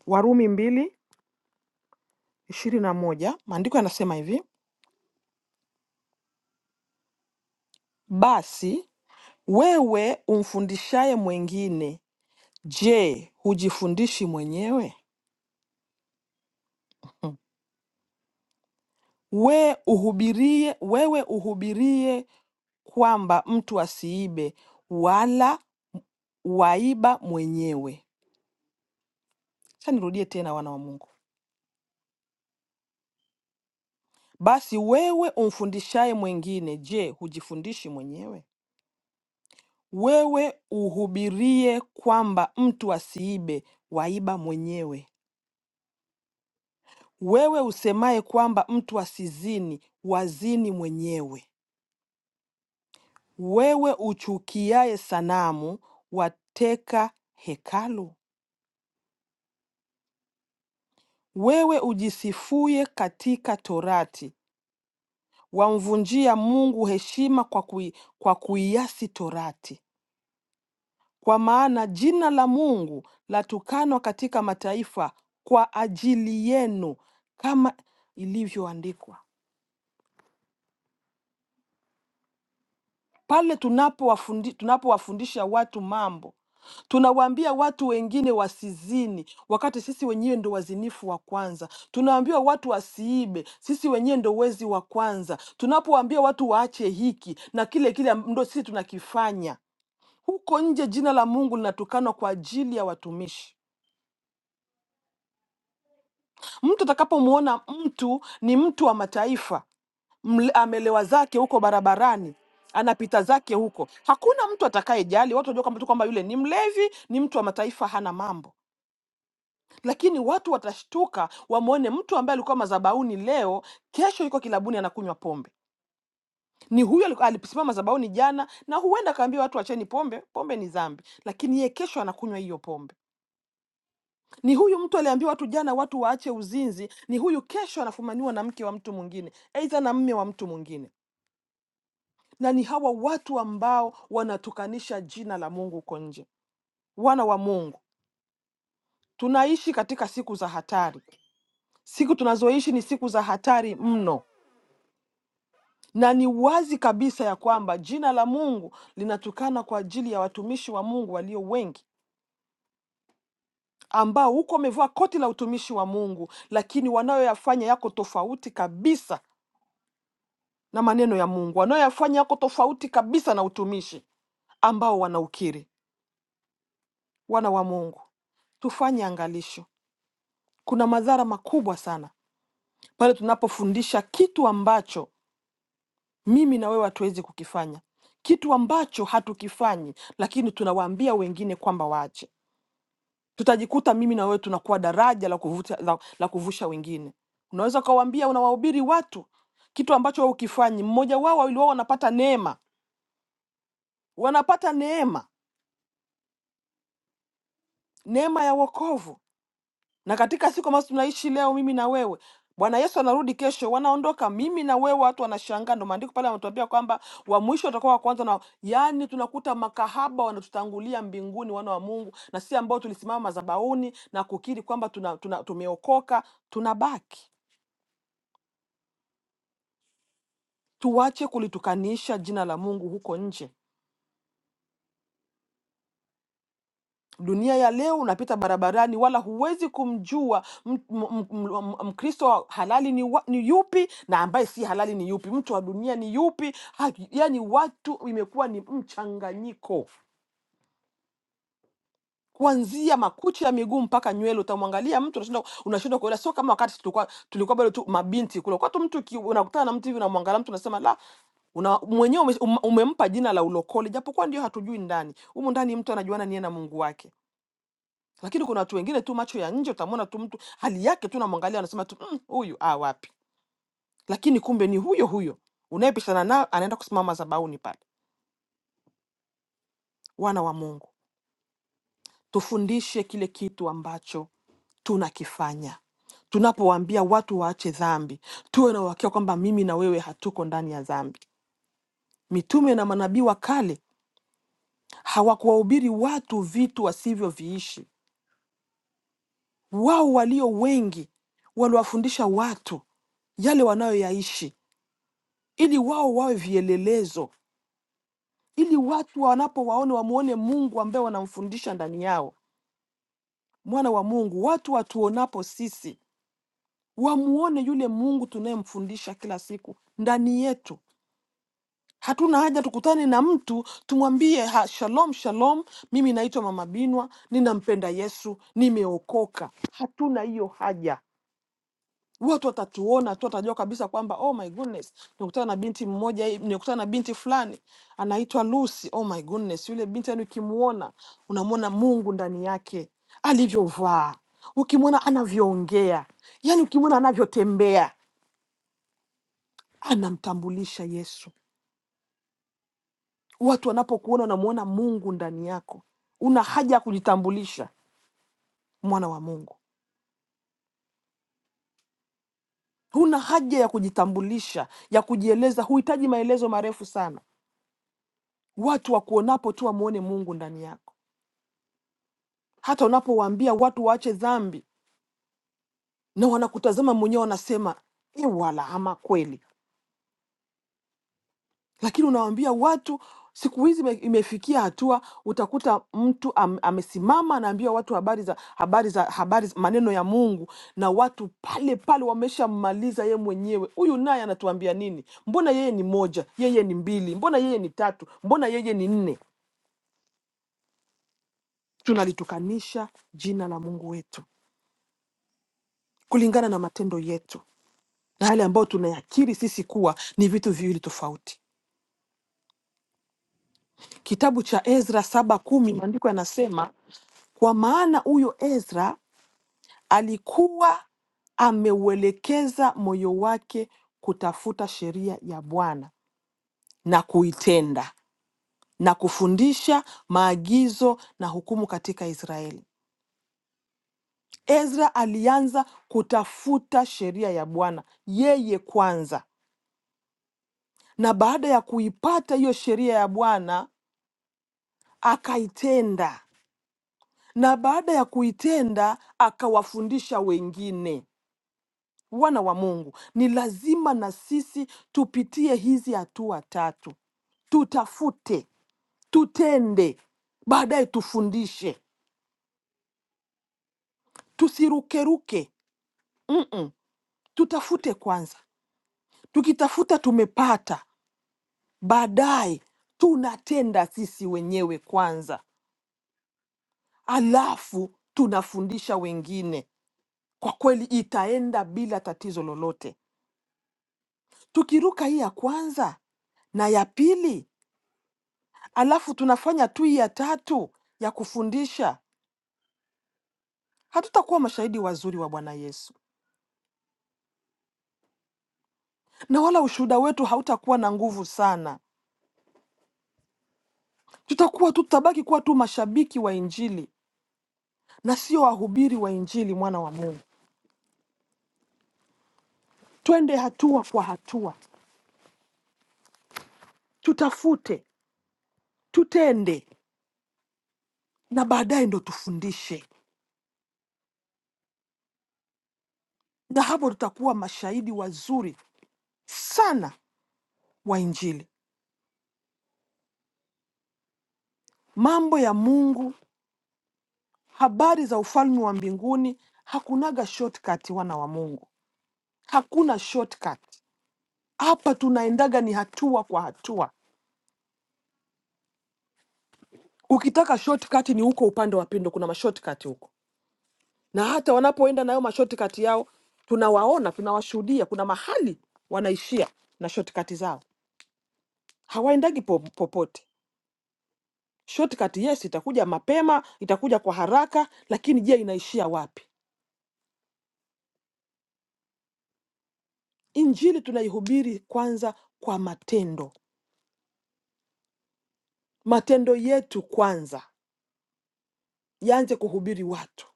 S1: warumi mbili ishiri na moja maandiko yanasema hivi basi Wewe umfundishaye mwengine, je, hujifundishi mwenyewe? We uhubirie, wewe uhubirie kwamba mtu asiibe wala waiba mwenyewe. Acha nirudie tena, wana wa Mungu. Basi wewe umfundishaye mwengine, je, hujifundishi mwenyewe? Wewe uhubirie kwamba mtu asiibe, waiba mwenyewe. Wewe usemaye kwamba mtu asizini, wazini mwenyewe. Wewe uchukiaye sanamu, wateka hekalu? Wewe ujisifuye katika Torati, wamvunjia Mungu heshima kwa kui, kwa kuiasi Torati. Kwa maana jina la Mungu latukanwa katika mataifa kwa ajili yenu, kama ilivyoandikwa. Pale tunapowafundi- tunapowafundisha watu mambo, tunawaambia watu wengine wasizini, wakati sisi wenyewe ndo wazinifu wa kwanza. Tunawaambia watu wasiibe, sisi wenyewe ndo wezi wa kwanza. Tunapowaambia watu waache hiki na kile kile, am- ndo sisi tunakifanya. Huko nje jina la Mungu linatukanwa kwa ajili ya watumishi. Mtu atakapomwona mtu ni mtu wa mataifa mle- amelewa zake huko barabarani anapita zake huko hakuna mtu atakayejali watu wajua kwamba tu kwamba yule ni mlevi ni mtu wa mataifa hana mambo lakini watu watashtuka wamwone mtu ambaye alikuwa mazabauni leo kesho yuko kilabuni anakunywa pombe ni huyo aliku- alisimama mazabauni jana na huenda akaambia watu wacheni pombe pombe ni dhambi lakini yeye kesho anakunywa hiyo pombe ni huyu mtu aliambia watu jana watu waache uzinzi ni huyu kesho anafumaniwa na mke wa mtu mwingine aidha na mme wa mtu mwingine na ni hawa watu ambao wanatukanisha jina la Mungu huko nje. Wana wa Mungu, tunaishi katika siku za hatari. Siku tunazoishi ni siku za hatari mno, na ni wazi kabisa ya kwamba jina la Mungu linatukana kwa ajili ya watumishi wa Mungu walio wengi ambao huko wamevaa koti la utumishi wa Mungu, lakini wanayoyafanya yako tofauti kabisa na maneno ya Mungu, wanayoyafanya yako tofauti kabisa na utumishi ambao wanaukiri. Wana wa Mungu, tufanye angalisho kuna madhara makubwa sana pale tunapofundisha kitu ambacho mimi na wewe hatuwezi kukifanya, kitu ambacho hatukifanyi, lakini tunawaambia wengine kwamba waache. Tutajikuta mimi na wewe tunakuwa daraja la, kuvuta, la, la kuvusha wengine. Unaweza ukawaambia, unawahubiri watu kitu ambacho wewe ukifanyi, mmoja wao wawili wao wanapata neema, wanapata neema, neema ya wokovu na katika siku ambazo tunaishi leo mimi na wewe bwana yesu anarudi kesho wanaondoka mimi na wewe watu wanashangaa ndo maandiko pale anatuambia kwamba wa mwisho watakuwa wa kwanza na yaani tunakuta makahaba wanatutangulia mbinguni wana wa mungu na sisi ambao tulisimama madhabahuni na kukiri kwamba tuna, tuna, tumeokoka tunabaki tuache kulitukanisha jina la mungu huko nje Dunia ya leo unapita barabarani, wala huwezi kumjua m- m- m- m- Mkristo wa halali ni, wa, ni yupi na ambaye si halali ni yupi, mtu wa dunia ni yupi. Ha- Yaani watu imekuwa ni mchanganyiko kuanzia makucha ya miguu mpaka nywele. Utamwangalia mtu unashindwa unashindwa kuelewa. Sio kama wakati tulikuwa tulikuwa bado tu mabinti kule, kwa tu mtu uki- unakutana na mtu hivi unamwangalia mtu unasema la una mwenyewe ume- um- umempa jina la ulokole, japokuwa ndio hatujui ndani humu ndani, mtu anajuana niye na Mungu wake. lakini kuna watu wengine tu macho ya nje utamwona tu mtu hali yake tu namwangalia anasema tu "Mm, huyu ah, wapi lakini kumbe ni huyo huyo unayepishana nao anaenda kusimama zabauni pale wana wa mungu tufundishe kile kitu ambacho tunakifanya tunapowaambia watu waache dhambi tuwe na uhakika kwamba mimi na wewe hatuko ndani ya dhambi mitume na manabii wa kale hawakuwahubiri watu vitu wasivyoviishi wao walio wengi waliwafundisha watu yale wanayoyaishi ili wao wawe vielelezo, ili watu wanapowaona wamwone Mungu ambaye wanamfundisha ndani yao, mwana wa Mungu. Watu watuonapo sisi wamuone yule Mungu tunayemfundisha kila siku ndani yetu. Hatuna haja tukutane na mtu tumwambie ha, shalom shalom, mimi naitwa Mama Binwa, ninampenda Yesu, nimeokoka. Hatuna hiyo haja. watu watatuona tu, watajua kabisa kwamba oh my goodness, nimekutana na binti mmoja hivi, nimekutana na binti fulani anaitwa Lucy. Oh my goodness, yule binti yani ukimuona unamwona Mungu ndani yake, alivyovaa, ukimwona anavyoongea, yani ukimwona anavyotembea, anamtambulisha Yesu. Watu wanapokuona unamwona Mungu ndani yako, una haja ya kujitambulisha mwana wa Mungu. Huna haja ya kujitambulisha, ya kujieleza, huhitaji maelezo marefu sana. Watu wakuonapo tu wamwone Mungu ndani yako. Hata unapowaambia watu waache dhambi na wanakutazama mwenyewe, wanasema e, wala ama kweli. Lakini unawaambia watu, siku hizi ime- imefikia hatua utakuta mtu am, amesimama anaambia watu habari za habari za habari za- maneno ya Mungu, na watu pale pale wameshammaliza ye mwenyewe. Huyu naye anatuambia nini? Mbona yeye ni moja, yeye ni mbili, mbona yeye ni tatu, mbona yeye ni nne? Tunalitukanisha jina la Mungu wetu. kulingana na matendo yetu na yale ambayo tunayakiri sisi kuwa ni vitu viwili tofauti. Kitabu cha Ezra saba kumi maandiko yanasema, kwa maana huyo Ezra alikuwa ameuelekeza moyo wake kutafuta sheria ya Bwana na kuitenda na kufundisha maagizo na hukumu katika Israeli. Ezra alianza kutafuta sheria ya Bwana yeye kwanza, na baada ya kuipata hiyo sheria ya Bwana akaitenda na baada ya kuitenda akawafundisha wengine. Wana wa Mungu, ni lazima na sisi tupitie hizi hatua tatu: tutafute, tutende, baadaye tufundishe. Tusirukeruke, Mm-mm. tutafute kwanza. Tukitafuta tumepata, baadaye tunatenda sisi wenyewe kwanza, alafu tunafundisha wengine. Kwa kweli itaenda bila tatizo lolote. tukiruka hii ya kwanza na ya pili, alafu tunafanya tu hii ya tatu ya kufundisha, hatutakuwa mashahidi wazuri wa Bwana Yesu, na wala ushuhuda wetu hautakuwa na nguvu sana. Tutakuwa tu tutabaki kuwa tu mashabiki wa Injili na sio wahubiri wa Injili, mwana wa Mungu. Twende hatua kwa hatua, tutafute, tutende, na baadaye ndo tufundishe, na hapo tutakuwa mashahidi wazuri sana wa Injili. Mambo ya Mungu Habari za ufalme wa mbinguni hakunaga shortcut, wana wa Mungu, hakuna shortcut. Hapa tunaendaga ni hatua kwa hatua. Ukitaka shortcut ni huko upande wa pindo, kuna mashortcut huko, na hata wanapoenda nayo mashortcut yao tunawaona, tunawashuhudia. Kuna mahali wanaishia na shortcut zao, hawaendagi po, popote. Shortcut yes, itakuja mapema, itakuja kwa haraka, lakini je, inaishia wapi? Injili tunaihubiri kwanza kwa matendo Matendo yetu kwanza yaanze kuhubiri watu,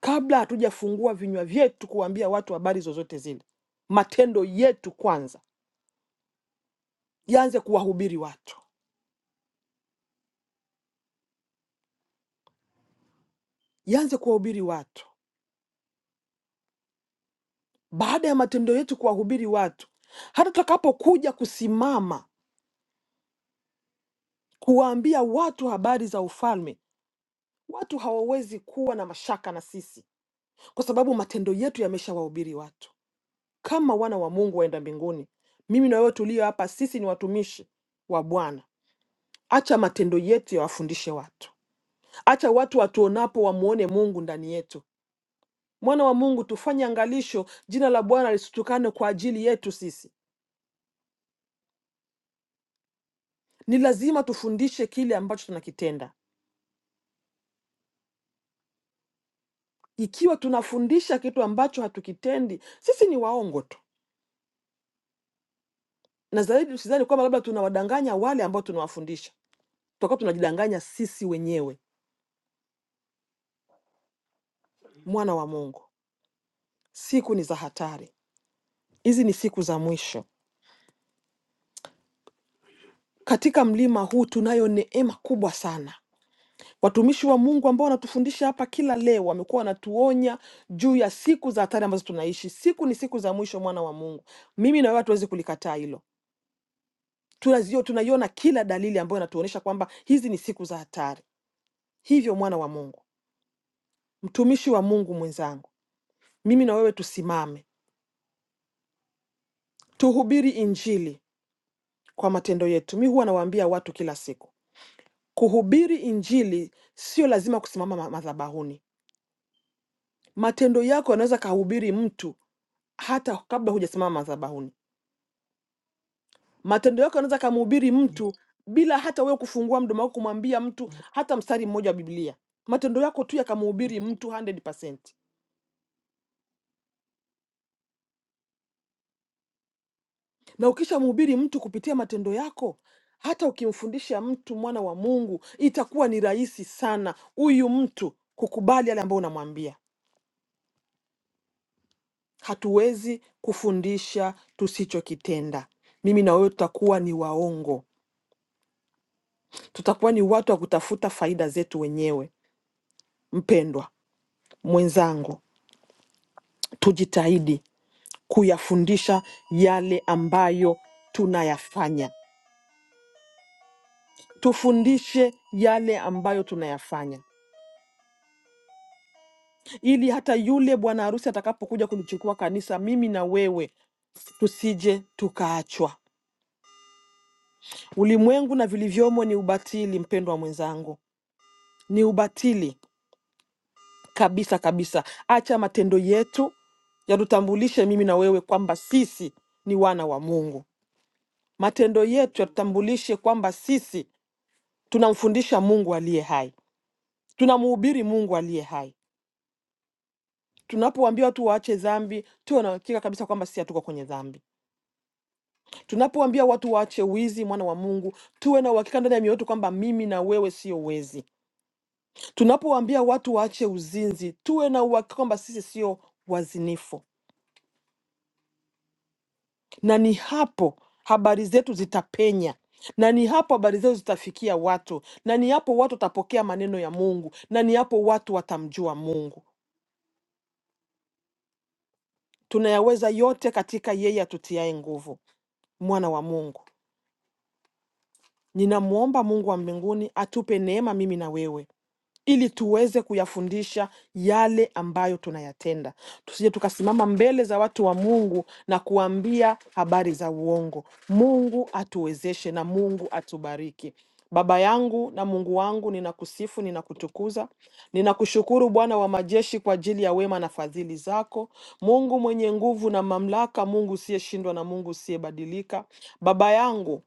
S1: kabla hatujafungua vinywa vyetu kuwaambia watu habari zozote zile. Matendo yetu kwanza yaanze kuwahubiri watu, yaanze kuwahubiri watu. Baada ya matendo yetu kuwahubiri watu, hata tutakapokuja kusimama kuwaambia watu habari za ufalme, watu hawawezi kuwa na mashaka na sisi, kwa sababu matendo yetu yameshawahubiri watu. Kama wana wa Mungu waenda mbinguni, mimi na wewe tulio hapa, sisi ni watumishi wa Bwana Acha matendo yetu yawafundishe watu. Acha watu watuonapo wamwone Mungu ndani yetu. Mwana wa Mungu, tufanye angalisho, jina la Bwana lisitukane kwa ajili yetu sisi. Ni lazima tufundishe kile ambacho tunakitenda. Ikiwa tunafundisha kitu ambacho hatukitendi, sisi ni waongo tu, na zaidi sidhani kwamba labda tunawadanganya wale ambao tunawafundisha, tutakuwa tunajidanganya sisi wenyewe. Mwana wa Mungu, siku ni za hatari, hizi ni siku za mwisho. Katika mlima huu tunayo neema kubwa sana Watumishi wa Mungu ambao wanatufundisha hapa kila leo wamekuwa wanatuonya juu ya siku za hatari ambazo tunaishi. Siku ni siku za mwisho, mwana wa Mungu. Mimi na wewe hatuwezi kulikataa hilo. Tunazio, tunaiona kila dalili ambayo inatuonyesha kwamba hizi ni siku za hatari. Hivyo mwana wa Mungu, mtumishi wa Mungu mwenzangu, mimi na wewe tusimame, tuhubiri injili kwa matendo yetu. Mi huwa nawaambia watu kila siku, kuhubiri injili sio lazima kusimama ma- madhabahuni. Matendo yako yanaweza kahubiri mtu hata kabla hujasimama madhabahuni. Matendo yako yanaweza kumhubiri mtu bila hata wewe kufungua mdomo wako kumwambia mtu hata mstari mmoja wa Biblia. Matendo yako tu yakamhubiri mtu 100%. Na ukishamhubiri mtu kupitia matendo yako, hata ukimfundisha mtu mwana wa Mungu, itakuwa ni rahisi sana huyu mtu kukubali yale ambayo unamwambia. Hatuwezi kufundisha tusichokitenda. Mimi na wewe tutakuwa ni waongo, tutakuwa ni watu wa kutafuta faida zetu wenyewe. Mpendwa, mwenzangu, tujitahidi kuyafundisha yale ambayo tunayafanya, tufundishe yale ambayo tunayafanya, ili hata yule bwana harusi atakapokuja kulichukua kanisa, mimi na wewe tusije tukaachwa. Ulimwengu na vilivyomo ni ubatili, mpendwa mwenzangu, ni ubatili kabisa kabisa. Acha matendo yetu yatutambulishe mimi na wewe kwamba sisi ni wana wa Mungu. Matendo yetu yatutambulishe kwamba sisi tunamfundisha Mungu aliye hai, tunamhubiri Mungu aliye hai. Tunapowaambia watu waache dhambi, tuwe na uhakika kabisa kwamba sisi hatuko kwenye dhambi. Tunapowaambia watu waache wizi, mwana wa Mungu, tuwe na uhakika ndani ya mioyo yetu kwamba mimi na wewe sio wezi. Tunapowaambia watu waache uzinzi, tuwe na uhakika kwamba sisi sio wazinifu, na ni hapo habari zetu zitapenya na ni hapo habari zetu zitafikia watu, na ni hapo watu watapokea maneno ya Mungu, na ni hapo watu watamjua Mungu. Tunayaweza yote katika yeye atutiaye nguvu, mwana wa Mungu. Ninamwomba Mungu wa mbinguni atupe neema mimi na wewe ili tuweze kuyafundisha yale ambayo tunayatenda. Tusije tukasimama mbele za watu wa Mungu na kuambia habari za uongo. Mungu atuwezeshe na Mungu atubariki. Baba yangu na Mungu wangu, ninakusifu, ninakutukuza, ninakushukuru Bwana wa majeshi kwa ajili ya wema na fadhili zako, Mungu mwenye nguvu na mamlaka, Mungu usiyeshindwa na Mungu usiyebadilika. Baba yangu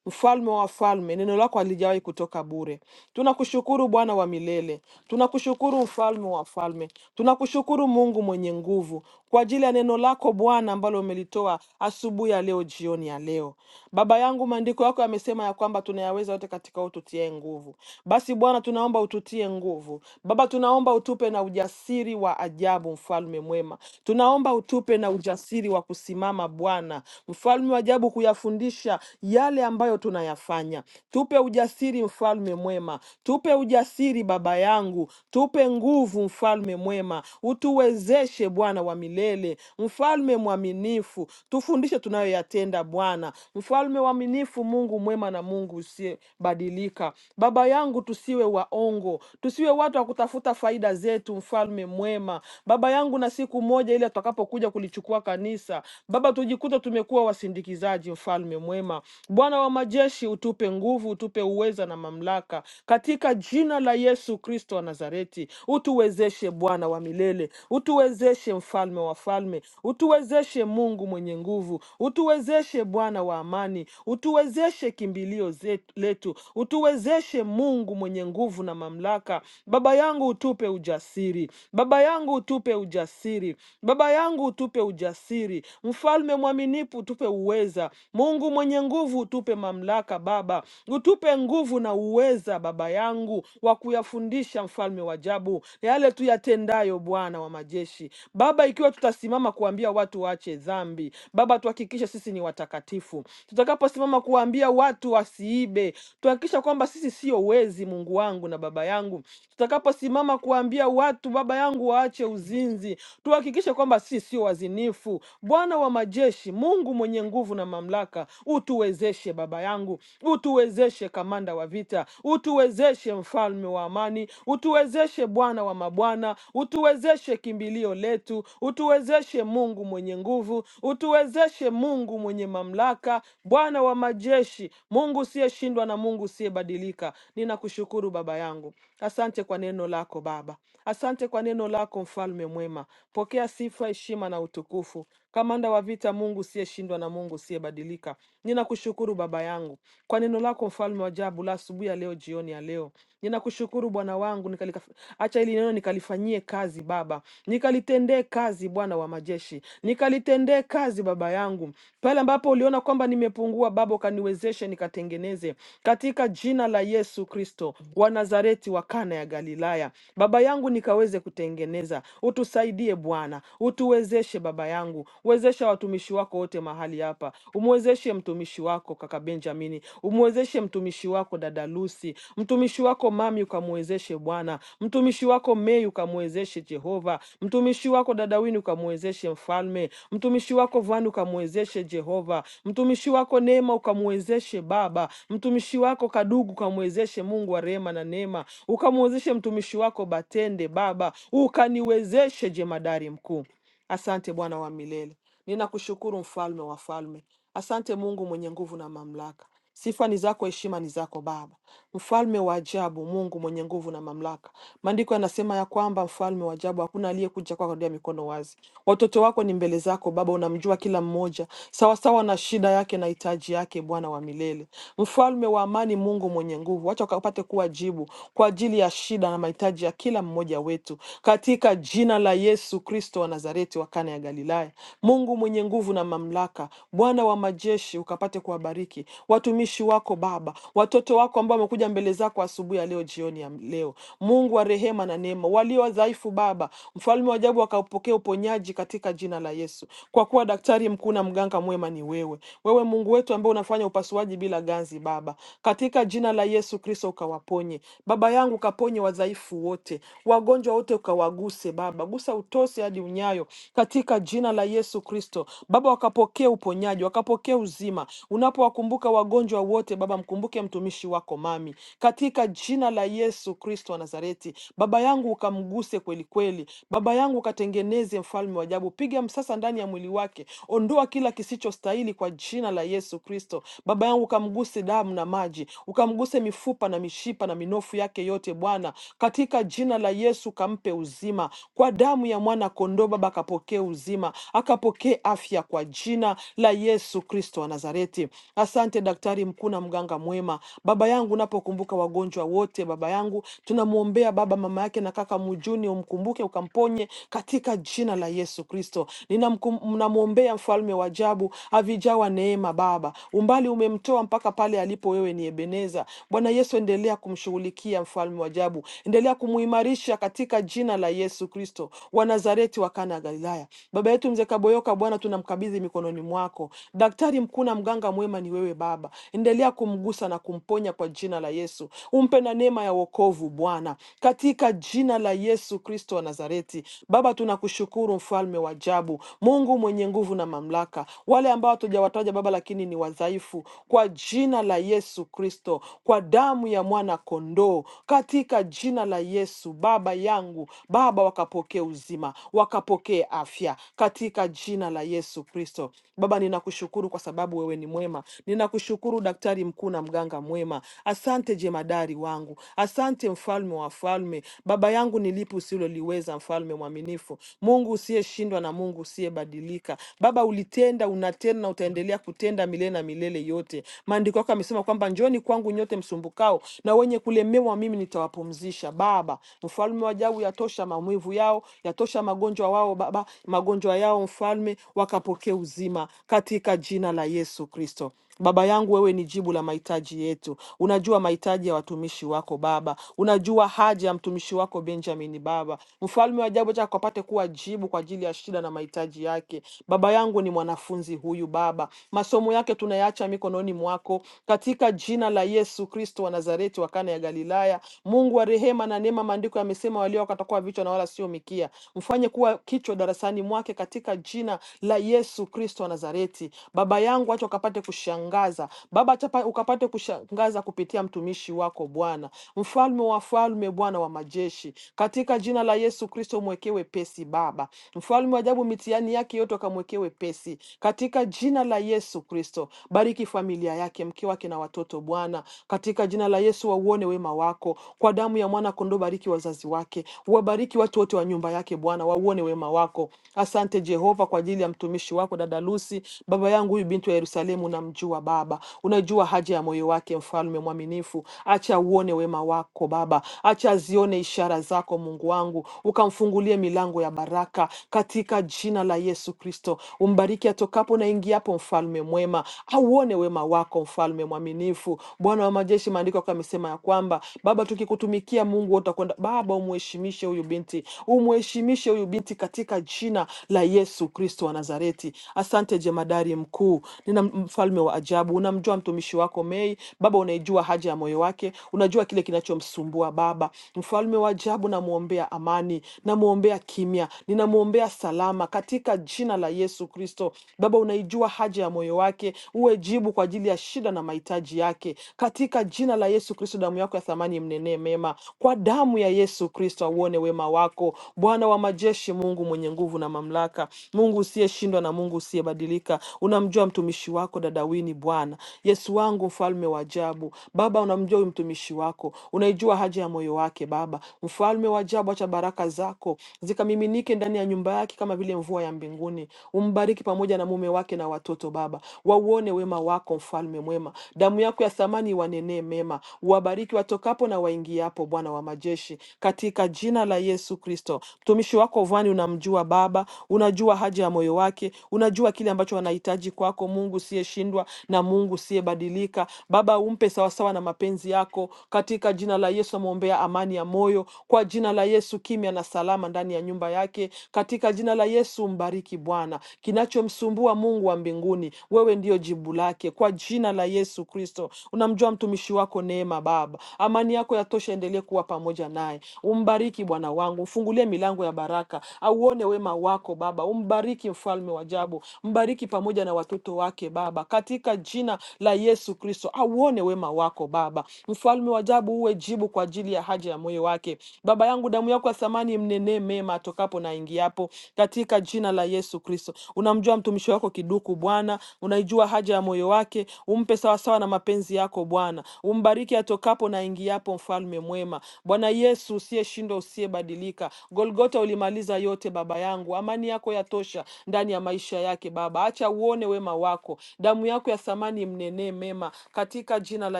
S1: Mfalme wa wafalme, neno lako halijawahi kutoka bure. Tunakushukuru Bwana wa milele, tunakushukuru Mfalme wa wafalme, tunakushukuru Mungu mwenye nguvu kwa ajili ya neno lako Bwana ambalo umelitoa asubuhi ya leo, jioni ya leo. Baba yangu, maandiko yako yamesema ya kwamba tunayaweza yote katika wewe ututie nguvu. Basi Bwana, tunaomba ututie nguvu. Baba, tunaomba utupe na ujasiri wa ajabu, mfalme mwema. Tunaomba utupe na ujasiri wa kusimama Bwana, mfalme wa ajabu, kuyafundisha yale ambayo tunayafanya. Tupe ujasiri, mfalme mwema, tupe ujasiri baba yangu, tupe nguvu, mfalme mwema, utuwezeshe Bwana wa milele, mfalme mwaminifu, tufundishe tunayoyatenda Bwana, mfalme mwaminifu, Mungu mwema na Mungu usiyebadilika. Baba yangu, tusiwe waongo, tusiwe watu wa kutafuta faida zetu, mfalme mwema, baba yangu, na siku moja ile tutakapokuja kulichukua kanisa, Baba, tujikute tumekuwa wasindikizaji mfalme mwema. Bwana wa majeshi, utupe nguvu, utupe uweza na mamlaka katika jina la Yesu Kristo wa Nazareti. Utuwezeshe Bwana wa milele, utuwezeshe mfalme wa falme, utuwezeshe Mungu mwenye nguvu, utuwezeshe Bwana wa amani, utuwezeshe kimbilio zetu- letu, utuwezeshe Mungu mwenye nguvu na mamlaka. Baba yangu utupe ujasiri, baba yangu utupe ujasiri, baba yangu utupe ujasiri, mfalme mwaminifu utupe utupe uweza. Mungu mwenye nguvu, tupe mamlaka Baba, utupe nguvu na uweza Baba yangu wa kuyafundisha, mfalme wa ajabu, yale tuyatendayo, Bwana wa majeshi. Baba, ikiwa tutasimama kuambia watu waache dhambi, Baba, tuhakikishe sisi ni watakatifu. Tutakaposimama kuambia watu wasiibe, tuhakikisha kwamba sisi sio wezi, Mungu wangu na Baba yangu. Tutakaposimama kuambia watu Baba yangu waache uzinzi, tuhakikishe kwamba sisi sio wazinifu. Bwana wa majeshi majeshi, Mungu mwenye nguvu na mamlaka, utuwezeshe baba yangu, utuwezeshe kamanda wa vita, utuwezeshe mfalme wa amani, utuwezeshe Bwana wa mabwana, utuwezeshe kimbilio letu, utuwezeshe Mungu mwenye nguvu, utuwezeshe Mungu mwenye mamlaka, Bwana wa majeshi, Mungu usiyeshindwa na Mungu usiyebadilika. Ninakushukuru baba yangu, asante kwa neno lako Baba, asante kwa neno lako mfalme mwema. Pokea sifa, heshima na utukufu Kamanda wa vita, Mungu usiyeshindwa na Mungu usiyebadilika, ninakushukuru Baba yangu kwa neno lako, mfalme wa ajabu, la asubuhi ya leo, jioni ya leo. Ninakushukuru Bwana wangu, nikalika- acha hili neno nikalifanyie kazi Baba, nikalitendee kazi Bwana wa majeshi, nikalitendee kazi Baba yangu, pale ambapo uliona kwamba nimepungua Baba, ukaniwezeshe nikatengeneze, katika jina la Yesu Kristo wa Nazareti wa Kana ya Galilaya. Baba yangu nikaweze kutengeneza, utusaidie Bwana, utuwezeshe Baba baba yangu, wezesha watumishi wako wote mahali hapa, umwezeshe mtumishi wako kaka Benjamini, umwezeshe mtumishi wako dada Lucy, mtumishi wako mami, ukamwezeshe Bwana, mtumishi wako Mei, ukamwezeshe Jehova, mtumishi wako dada Wini, ukamwezeshe mfalme, mtumishi wako Vani, ukamwezeshe Jehova, mtumishi wako Neema, ukamwezeshe Baba, mtumishi wako Kadugu, ukamwezeshe Mungu wa rehema na neema, ukamwezeshe mtumishi wako Batende Baba, ukaniwezeshe jemadari mkuu Asante Bwana wa milele, ninakushukuru mfalme wa falme. Asante Mungu mwenye nguvu na mamlaka. Sifa ni zako, heshima ni zako Baba, mfalme wa ajabu, Mungu mwenye nguvu na mamlaka. Maandiko yanasema ya kwamba mfalme wa ajabu, hakuna aliyekuja kwako kwa mikono wazi. Watoto wako ni mbele zako Baba, unamjua kila mmoja sawasawa na shida yake na hitaji yake, Bwana wa milele, mfalme wa amani, Mungu mwenye nguvu, wacha ukapate kuwa jibu kwa ajili ya shida na mahitaji ya kila mmoja wetu yetu katika jina la Yesu Kristo wa Nazareti wa Kana ya Galilaya. Mungu mwenye nguvu na mamlaka, Bwana wa majeshi, ukapate kuwabariki watumishi wako Baba, watoto wako ambao wamekuja mbele zako asubuhi ya leo, jioni ya leo. Mungu wa rehema na neema, walio wadhaifu Baba, mfalme wa ajabu, wakaupokea uponyaji katika jina la Yesu, kwa kuwa daktari mkuu na mganga mwema ni wewe. Wewe Mungu wetu ambaye unafanya upasuaji bila ganzi Baba, katika jina la Yesu Kristo ukawaponye Baba. Baba yangu, kaponye wadhaifu wote, wagonjwa wote ukawaguse Baba, gusa utosi hadi unyayo, katika jina la Yesu Kristo. Baba, wakapokee uponyaji, wakapokee uzima. Unapowakumbuka wagonjwa wote Baba, mkumbuke mtumishi wako mami, katika jina la Yesu Kristo wa Nazareti. Baba yangu, ukamguse kweli kweli. Baba yangu, ukatengeneze mfalme wa ajabu, piga msasa ndani ya mwili wake, ondoa kila kisichostahili kwa jina la Yesu Kristo. Baba yangu, ukamguse damu na maji maji, ukamguse mifupa na mishipa na minofu yake yote Bwana, katika jina la Yesu kampe uzima kwa damu ya mwana kondoo. Baba akapokee uzima, akapokee afya kwa jina la Yesu Kristo wa Nazareti. Asante daktari mkuu na mganga mwema. Baba yangu, napokumbuka wagonjwa wote, Baba yangu, tunamwombea Baba mama yake na kaka Mujuni, umkumbuke ukamponye katika jina la Yesu Kristo. Ninamkum- Namwombea mfalme wa ajabu, avijawa neema mema Baba, umbali umemtoa mpaka pale alipo, wewe ni Ebeneza. Bwana Yesu, endelea kumshughulikia mfalme wa ajabu, endelea kumuimarisha katika jina la Yesu Kristo wa Nazareti wa Kana ya Galilaya. Baba yetu mzee Kaboyoka, Bwana tunamkabidhi mikononi mwako. Daktari mkuu na mganga mwema ni wewe Baba, endelea kumgusa na kumponya kwa jina la Yesu, umpe na neema ya wokovu Bwana, katika jina la Yesu Kristo wa Nazareti. Baba tunakushukuru, mfalme wa ajabu, Mungu Mungu mwenye nguvu na mamlaka, wale ambao hatujawataja Baba lakini ni wadhaifu, kwa jina la Yesu Kristo, kwa damu ya mwana kondoo, katika jina la Yesu Baba yangu, Baba wakapokee uzima, wakapokee afya, katika jina la Yesu Kristo. Baba, ninakushukuru kwa sababu wewe ni mwema, ninakushukuru daktari mkuu na mganga mwema. Asante jemadari wangu, asante mfalme wa falme, Baba yangu nilipo usiloliweza, mfalme mwaminifu mwaminifu, Mungu usiyeshindwa na Mungu usiyebadilika. Baba, ulitenda, unatenda na utaendelea kutenda milele na milele yote. Maandiko yako yamesema kwamba njooni kwangu nyote msumbukao na wenye kulemewa, mimi nitawapumzisha. Baba, mfalme wa ajabu, yatosha maumivu yao, yatosha magonjwa wao, Baba, magonjwa yao, mfalme, wakapokee uzima katika jina la Yesu Kristo. Baba yangu, wewe ni jibu la mahitaji yetu. Unajua mahitaji ya watumishi wako Baba, unajua haja ya mtumishi wako Benjamin Baba. Mfalme wa ajabu, acha kapate kuwa jibu kwa ajili ya shida na mahitaji yake. Baba yangu ni mwanafunzi huyu Baba, masomo yake tunayaacha mikononi mwako katika jina la Yesu Kristo wa Nazareti wa Kana ya Galilaya. Mungu wa rehema na neema, maandiko yamesema walio wako watakuwa vichwa na wala sio mikia. Mfanye kuwa kichwa darasani mwake katika jina la Yesu Kristo wa Nazareti. Baba yangu, acha ukapate kushangaza Baba, acha pa- ukapate kushangaza kupitia mtumishi watumishi wako Bwana, mfalme wa falme, Bwana wa majeshi, katika jina la Yesu Kristo umwekee wepesi Baba, mfalme wa ajabu, mitihani yake yote ukamwekee wepesi katika jina la Yesu Kristo. Bariki familia yake, mke wake na watoto Bwana, katika jina la Yesu wauone wema wako kwa damu ya mwana kondoo. Bariki wazazi wake, wabariki watu wote wa nyumba yake Bwana, wauone wema wako. Asante Jehova kwa ajili ya mtumishi wako dada Lucy, baba yangu huyu binti wa Yerusalemu, namjua Baba Unajua haja ya moyo wake, mfalme mwaminifu. Acha uone wema wako Baba, acha azione ishara zako Mungu wangu, ukamfungulie milango ya baraka katika jina la Yesu Kristo. Umbariki atokapo na ingiapo, mfalme mwema. Auone wema wako, mfalme mwaminifu. Bwana wa majeshi, maandiko yako yamesema ya kwamba Baba, tukikutumikia Mungu wewe utakwenda. Baba, umheshimishe huyu binti, umheshimishe huyu binti katika jina la Yesu Kristo wa Nazareti. Asante jemadari mkuu, nina mfalme wa ajabu sababu unamjua mtumishi wako Mei. Baba, unaijua haja ya moyo wake, unajua kile kinachomsumbua Baba. Mfalme wa ajabu, namwombea amani, namwombea kimya, ninamwombea salama katika jina la Yesu Kristo. Baba, unaijua haja ya moyo wake, uwe jibu kwa ajili ya shida na mahitaji yake katika jina la Yesu Kristo. Damu yako ya thamani imnenee mema, kwa damu ya Yesu Kristo auone wema wako, Bwana wa majeshi, Mungu mwenye nguvu na mamlaka, Mungu usiyeshindwa na Mungu usiyebadilika. Unamjua mtumishi wako dada Salwini Bwana. Yesu wangu, mfalme wa ajabu, Baba, unamjua huyu mtumishi wako, unaijua haja ya moyo wake. Baba mfalme wa ajabu, acha baraka zako zikamiminike ndani ya nyumba yake kama vile mvua ya mbinguni. Umbariki pamoja na mume wake na watoto, Baba wauone wema wako, mfalme mwema. Damu yako ya thamani iwanenee mema, uwabariki watokapo na waingiapo, Bwana wa majeshi, katika jina la Yesu Kristo. Mtumishi wako Vani unamjua Baba, unajua haja ya moyo wake, unajua kile ambacho anahitaji kwako Mungu siye usiyeshindwa na Mungu usiyebadilika. Baba, umpe sawasawa na mapenzi yako. Katika jina la Yesu amwombea amani ya moyo, kwa jina la Yesu kimya na salama ndani ya nyumba yake. Katika jina la Yesu mbariki Bwana, kinachomsumbua Mungu wa mbinguni, wewe ndiyo jibu lake. Kwa jina la Yesu Kristo, unamjua mtumishi wako Neema. Baba, amani yako yatosha, endelee kuwa pamoja naye. Umbariki Bwana wangu, mfungulie milango ya baraka, auone wema wako Baba. Umbariki mfalme wa ajabu, mbariki pamoja na watoto wake wake Baba, katika jina la Yesu Kristo. Auone wema wako Baba, mfalme wa ajabu, uwe jibu kwa ajili ya haja ya moyo wake Baba yangu. Damu yako ya thamani mnenee mema atokapo na aingiapo, katika jina la Yesu Kristo. Unamjua mtumishi wako Kiduku Bwana, unaijua haja ya moyo wake, umpe sawasawa na mapenzi yako Bwana. Umbariki atokapo na aingiapo, mfalme mwema, Bwana Yesu usiyeshindwa, usiyebadilika. Golgota ulimaliza yote Baba yangu, amani yako yatosha ndani ya maisha yake Baba. Acha uone wema wema wako, damu yako ya thamani mnenee mema, katika jina la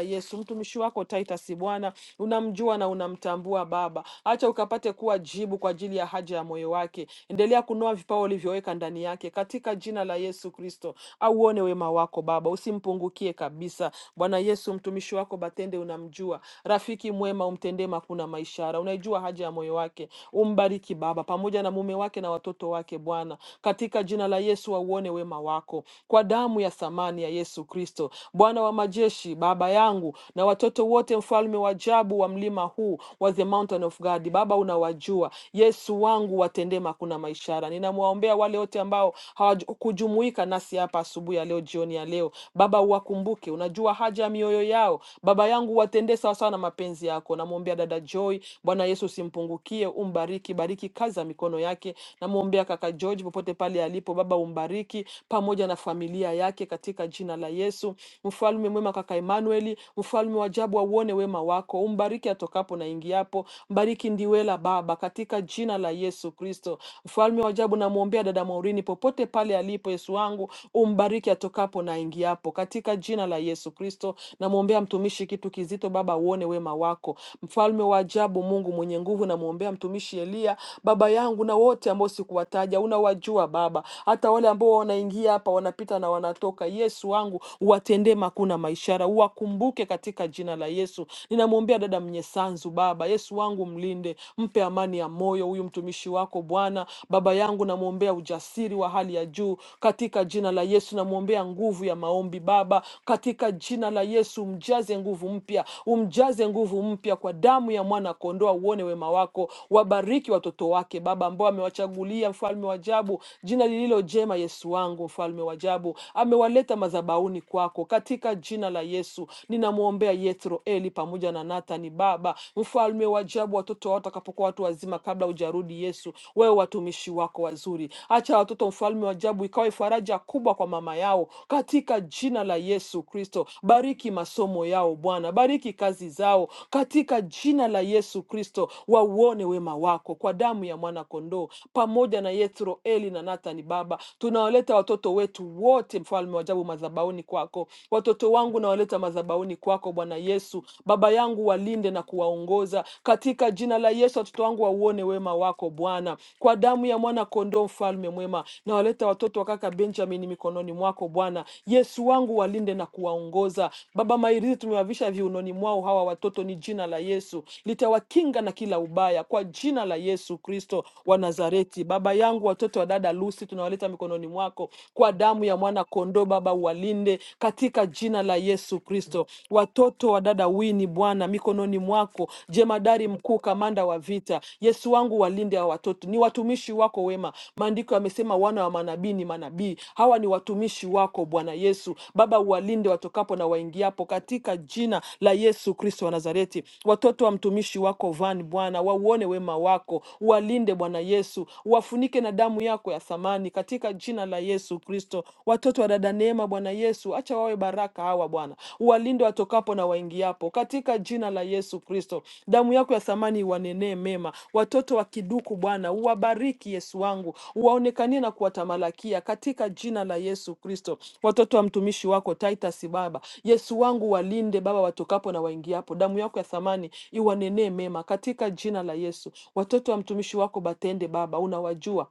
S1: Yesu. Mtumishi wako Titus, Bwana unamjua na unamtambua Baba, acha ukapate kuwa jibu kwa ajili ya haja ya moyo wake. Endelea kunoa vipawa ulivyoweka ndani yake, katika jina la Yesu Kristo. Auone wema wako Baba, usimpungukie kabisa. Bwana Yesu, mtumishi wako Batende unamjua, rafiki mwema, umtendee makuna maishara, unaijua haja ya moyo wake. Umbariki Baba pamoja na mume wake na watoto wake, Bwana, katika jina la Yesu, auone wema wako wako kwa damu ya thamani ya Yesu Kristo. Bwana wa majeshi, Baba yangu na watoto wote, mfalme wa ajabu wa mlima huu wa the mountain of God, Baba unawajua. Yesu wangu, watendee makuna maishara. Ninamwaombea wale wote ambao hawakujumuika nasi hapa asubuhi ya leo, jioni ya leo, Baba uwakumbuke, unajua haja ya mioyo yao. Baba yangu, watendee sawasawa na mapenzi yako. Namwombea dada Joy, Bwana Yesu usimpungukie, umbariki, bariki kazi za mikono yake. Namwombea kaka George popote pale alipo, Baba umbariki, pamoja na familia yake katika jina la Yesu. Mfalme mwema, kaka Emanueli, mfalme wa ajabu, auone wema wako, umbariki atokapo na ingiapo, mbariki Ndiwela Baba, katika jina la Yesu Kristo. Mfalme wa ajabu, namwombea dada Maureen popote pale alipo, Yesu wangu, umbariki atokapo na ingiapo, katika jina la Yesu Kristo. Namwombea mtumishi kitu kizito, Baba, uone wema wako. Mfalme wa ajabu, Mungu mwenye nguvu, namwombea mtumishi Elia, baba yangu, na wote ambao sikuwataja unawajua Baba, hata wale ambao ambao wanaingia hapa wanapita na wanatoka. Yesu wangu, uwatendee makuna maishara, uwakumbuke katika jina la Yesu. Ninamwombea dada Mnyesanzu, Baba Yesu wangu, mlinde, mpe amani ya moyo huyu mtumishi wako Bwana. Baba yangu, namwombea ujasiri wa hali ya juu katika jina la Yesu. Namwombea nguvu ya maombi Baba, katika jina la Yesu, umjaze nguvu mpya, umjaze nguvu mpya kwa damu ya mwana kondoa. Uone wema wako, wabariki watoto wake Baba ambao amewachagulia, mfalme wa ajabu, jina lililojaa njema Yesu wangu, mfalme wa ajabu, amewaleta madhabahuni kwako katika jina la Yesu. Ninamwombea Yethro Eli pamoja na Nathani, Baba mfalme wa ajabu, watoto wao watakapokuwa watu wazima, kabla hujarudi Yesu, wewe watumishi wako wazuri, acha watoto, mfalme wa ajabu, ikawe faraja kubwa kwa mama yao katika jina la Yesu Kristo. Bariki masomo yao Bwana, bariki kazi zao katika jina la Yesu Kristo. Wauone wema wako kwa damu ya mwana kondoo, pamoja na Yethro Eli na Nathani Baba. Tunawaleta watoto wetu wote, mfalme wa ajabu, madhabahuni kwako. Watoto wangu nawaleta madhabahuni kwako, Bwana Yesu. Baba yangu walinde na kuwaongoza katika jina la Yesu. Watoto wangu wauone wema wako Bwana, kwa damu ya mwana kondoo, mfalme mwema. Nawaleta watoto wa kaka Benjamin mikononi mwako Bwana Yesu wangu, walinde na kuwaongoza Baba. Mairizi tumewavisha viunoni mwao hawa watoto, ni jina la Yesu litawakinga na kila ubaya, kwa jina la Yesu Kristo wa Nazareti. Baba yangu, watoto wa dada dada Lucy tunawaleta mikononi mwako kwa damu ya mwana kondoo. Baba, uwalinde katika jina la Yesu Kristo. Watoto wa dada Wini, Bwana, mikononi mwako, jemadari mkuu, kamanda wa vita, Yesu wangu, walinde hawa watoto. Ni watumishi wako wema, maandiko yamesema wana wa manabii ni manabii. Hawa ni watumishi wako Bwana Yesu. Baba, uwalinde watokapo na waingiapo, katika jina la Yesu Kristo wa Nazareti. Watoto wa mtumishi wako Van, Bwana, wauone wema wako, uwalinde Bwana Yesu, uwafunike na damu damu yako ya thamani katika jina la Yesu Kristo. Watoto wa dada Neema, Bwana Yesu, acha wawe baraka hawa Bwana, uwalinde watokapo na waingiapo katika jina la Yesu Kristo. Damu yako ya thamani iwanenee mema. Watoto wa Kiduku Bwana, uwabariki Yesu wangu, uwaonekanie na kuwatamalakia katika jina la Yesu Kristo. Watoto wa mtumishi wako Titus Baba, Yesu wangu, walinde Baba watokapo na waingiapo, damu yako ya thamani iwanenee mema katika jina la Yesu. Watoto wa mtumishi wako Batende Baba, unawajua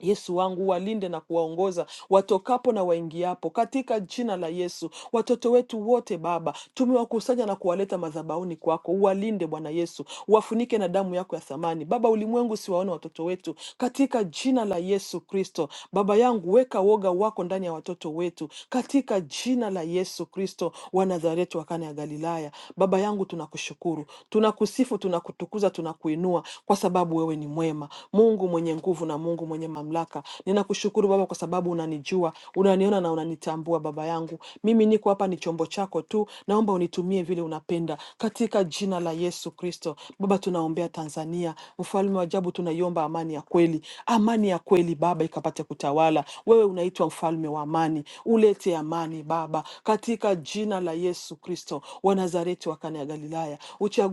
S1: Yesu wangu walinde na kuwaongoza watokapo na waingiapo, katika jina la Yesu. Watoto wetu wote Baba, tumewakusanya na kuwaleta madhabahuni kwako, uwalinde Bwana Yesu, wafunike na damu yako ya thamani. Baba, ulimwengu siwaone watoto wetu, katika jina la Yesu Kristo. Baba yangu, weka woga wako ndani ya watoto wetu, katika jina la Yesu Kristo wa Nazareti wa Kana ya Galilaya. Baba yangu, tunakushukuru, tunakusifu, tunakutukuza, tunakuinua kwa sababu sababu wewe ni mwema, Mungu mwenye nguvu na Mungu mwenye mamlaka. Ninakushukuru Baba kwa sababu unanijua, unaniona na unanitambua. Baba yangu, mimi niko hapa, ni chombo chako tu, naomba unitumie vile unapenda, katika jina la Yesu Kristo. Baba, tunaombea Tanzania, mfalme wa ajabu, tunaiomba amani ya kweli, amani ya kweli Baba ikapate kutawala. Wewe unaitwa mfalme wa amani, ulete amani Baba, katika jina la Yesu Kristo wa Nazareti wa Kana ya Galilaya.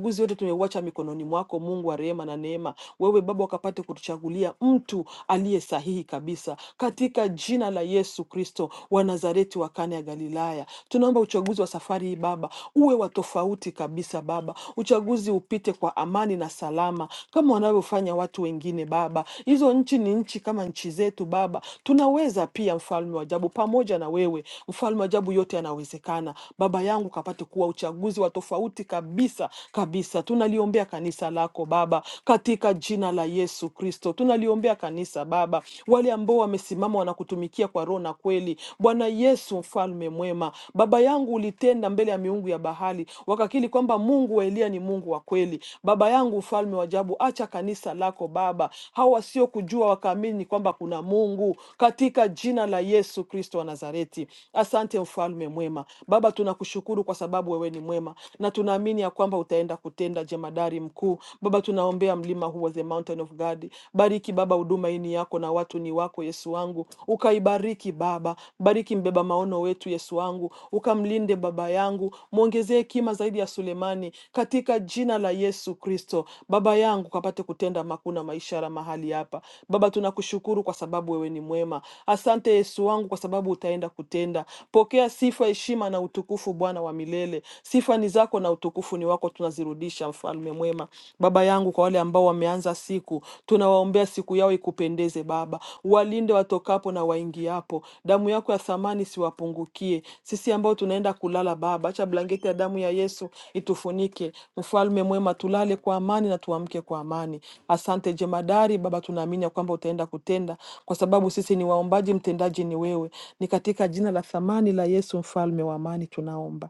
S1: Uchaguzi wote tumeuacha mikononi mwako, Mungu wa rehema na neema. Wewe Baba ukapate kutuchagulia mtu aliye sahihi kabisa, katika jina la Yesu Kristo wa Nazareti wa Kana ya Galilaya. Tunaomba uchaguzi wa safari hii Baba uwe wa tofauti kabisa Baba, uchaguzi upite kwa amani na salama kama wanavyofanya watu wengine Baba. Hizo nchi ni nchi kama nchi zetu Baba, tunaweza pia, mfalme wa ajabu, pamoja na wewe. Mfalme wa ajabu, yote yanawezekana. Baba yangu ukapate kuwa uchaguzi wa tofauti kabisa kabisa. Tunaliombea kanisa lako Baba katika jina la Yesu Kristo. Tunaliombea kanisa Baba, wale ambao wamesimama wanakutumikia kwa roho na kweli. Bwana Yesu mfalme mwema, baba yangu ulitenda mbele ya miungu ya bahari, wakakili kwamba Mungu wa Eliya ni Mungu wa kweli. Baba yangu mfalme wa ajabu, acha kanisa lako Baba, hao wasiokujua wakaamini kwamba kuna Mungu, katika jina la Yesu Kristo wa Nazareti. Asante mfalme mwema. Baba, tunakushukuru kwa sababu wewe ni mwema na tunaamini ya kwamba utaenda kutenda jemadari mkuu. Baba, tunaombea mlima huo, the mountain of God. Bariki Baba huduma hii ni yako na watu ni wako, Yesu wangu, ukaibariki Baba. Bariki mbeba maono wetu, Yesu wangu, ukamlinde baba yangu, mwongezee hekima zaidi ya Sulemani, katika jina la la Yesu Kristo. Baba yangu kapate kutenda makuu na maishara mahali hapa. Baba, tunakushukuru kwa sababu wewe ni mwema. Asante Yesu wangu kwa sababu utaenda kutenda. Pokea sifa, heshima na utukufu, Bwana wa milele. Sifa ni zako na utukufu ni wako, tunazirudisha mfalme mwema. Baba yangu, kwa wale ambao wameanza siku, tunawaombea siku yao ikupendeze Baba Walinde watokapo na waingiapo, damu yako ya thamani siwapungukie. Sisi ambao tunaenda kulala, Baba, acha blanketi ya damu ya Yesu itufunike. Mfalme mwema, tulale kwa amani na tuamke kwa amani. Asante jemadari, Baba, tunaamini ya kwamba utaenda kutenda, kwa sababu sisi ni waombaji, mtendaji ni wewe. Ni katika jina la thamani la Yesu, mfalme wa amani, tunaomba.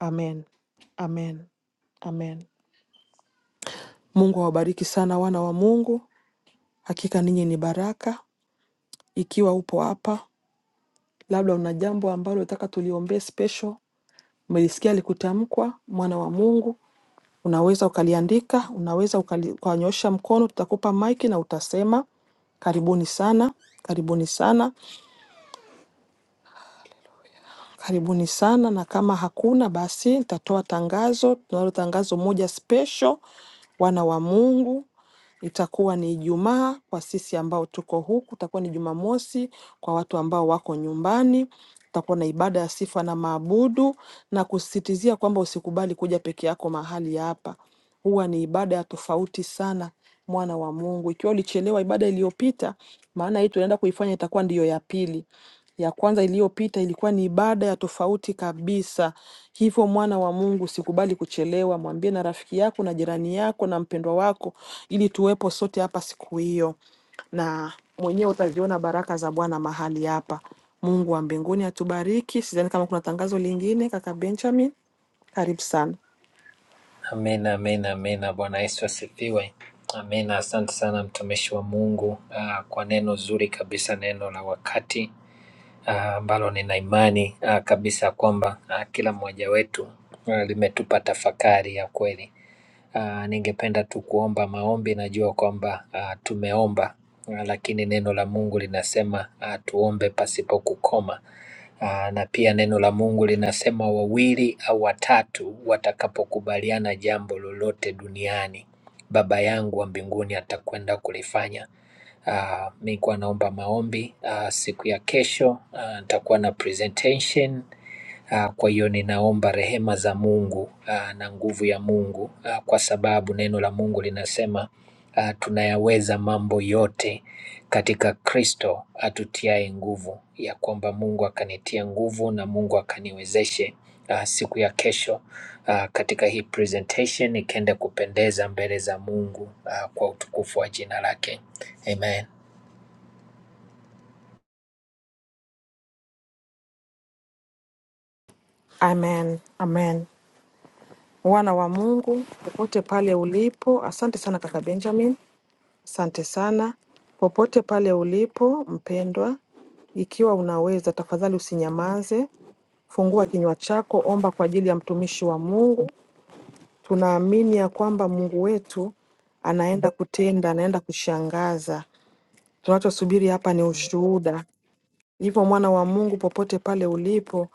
S1: Amen, amen, amen. Mungu awabariki sana wana wa Mungu. Hakika ninyi ni baraka. Ikiwa upo hapa labda una jambo ambalo unataka tuliombee special, umelisikia likutamkwa, mwana wa Mungu, unaweza ukaliandika, unaweza ukali- ukanyosha mkono, tutakupa maiki na utasema. Karibuni sana, karibuni sana. Karibuni sana, na kama hakuna basi nitatoa tangazo. Tunalo tangazo moja special, wana wa Mungu. Itakuwa ni Ijumaa kwa sisi ambao tuko huku, itakuwa ni Jumamosi kwa watu ambao wako nyumbani. Tutakuwa na ibada ya sifa na maabudu, na kusisitizia kwamba usikubali kuja peke yako mahali hapa huwa ni ibada ya tofauti sana, mwana wa Mungu. Ikiwa ulichelewa ibada iliyopita, maana hii tunaenda kuifanya itakuwa ndiyo ya pili. Ya kwanza iliyopita ilikuwa ni ibada ya tofauti kabisa. Hivyo mwana wa Mungu, usikubali kuchelewa. Mwambie na rafiki yako na jirani yako na mpendwa wako, ili tuwepo sote hapa siku hiyo, na mwenyewe utaziona baraka za Bwana mahali hapa. Mungu wa mbinguni atubariki. Sidhani kama kuna tangazo lingine. Kaka Benjamin, karibu sana.
S3: Amina, amina, amina. Bwana Yesu asifiwe. Amina. Asante sana mtumishi wa Mungu ah, kwa neno zuri kabisa, neno la wakati ah, ambalo nina imani ah, kabisa kwamba ah, kila mmoja wetu ah, limetupa tafakari ya kweli. Uh, Ningependa tu kuomba maombi najua kwamba uh, tumeomba uh, Lakini neno la mungu linasema uh, tuombe pasipo kukoma Uh, na pia neno la mungu linasema wawili au watatu watakapokubaliana jambo lolote duniani Baba yangu wa mbinguni atakwenda kulifanya Nilikuwa naomba maombi Uh, siku ya kesho uh, nitakuwa na presentation Ah, Kwa hiyo ninaomba rehema za Mungu ah, na nguvu ya Mungu ah, kwa sababu neno la Mungu linasema ah, tunayaweza mambo yote katika Kristo atutiaye nguvu, ya kwamba Mungu akanitia nguvu na Mungu akaniwezeshe ah, siku ya kesho ah, katika hii presentation ikaenda kupendeza mbele za Mungu ah, kwa utukufu wa jina lake. Amen.
S1: Amen, amen. Wana wa Mungu popote pale ulipo, asante sana kaka Benjamin, asante sana popote pale ulipo mpendwa, ikiwa unaweza tafadhali usinyamaze, fungua kinywa chako, omba kwa ajili ya mtumishi wa Mungu. Tunaamini ya kwamba Mungu wetu anaenda kutenda, anaenda kushangaza. Tunachosubiri hapa ni ushuhuda. Hivyo mwana wa Mungu, popote pale ulipo,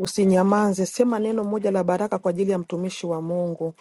S1: usinyamaze, sema neno moja la baraka kwa ajili ya mtumishi wa Mungu.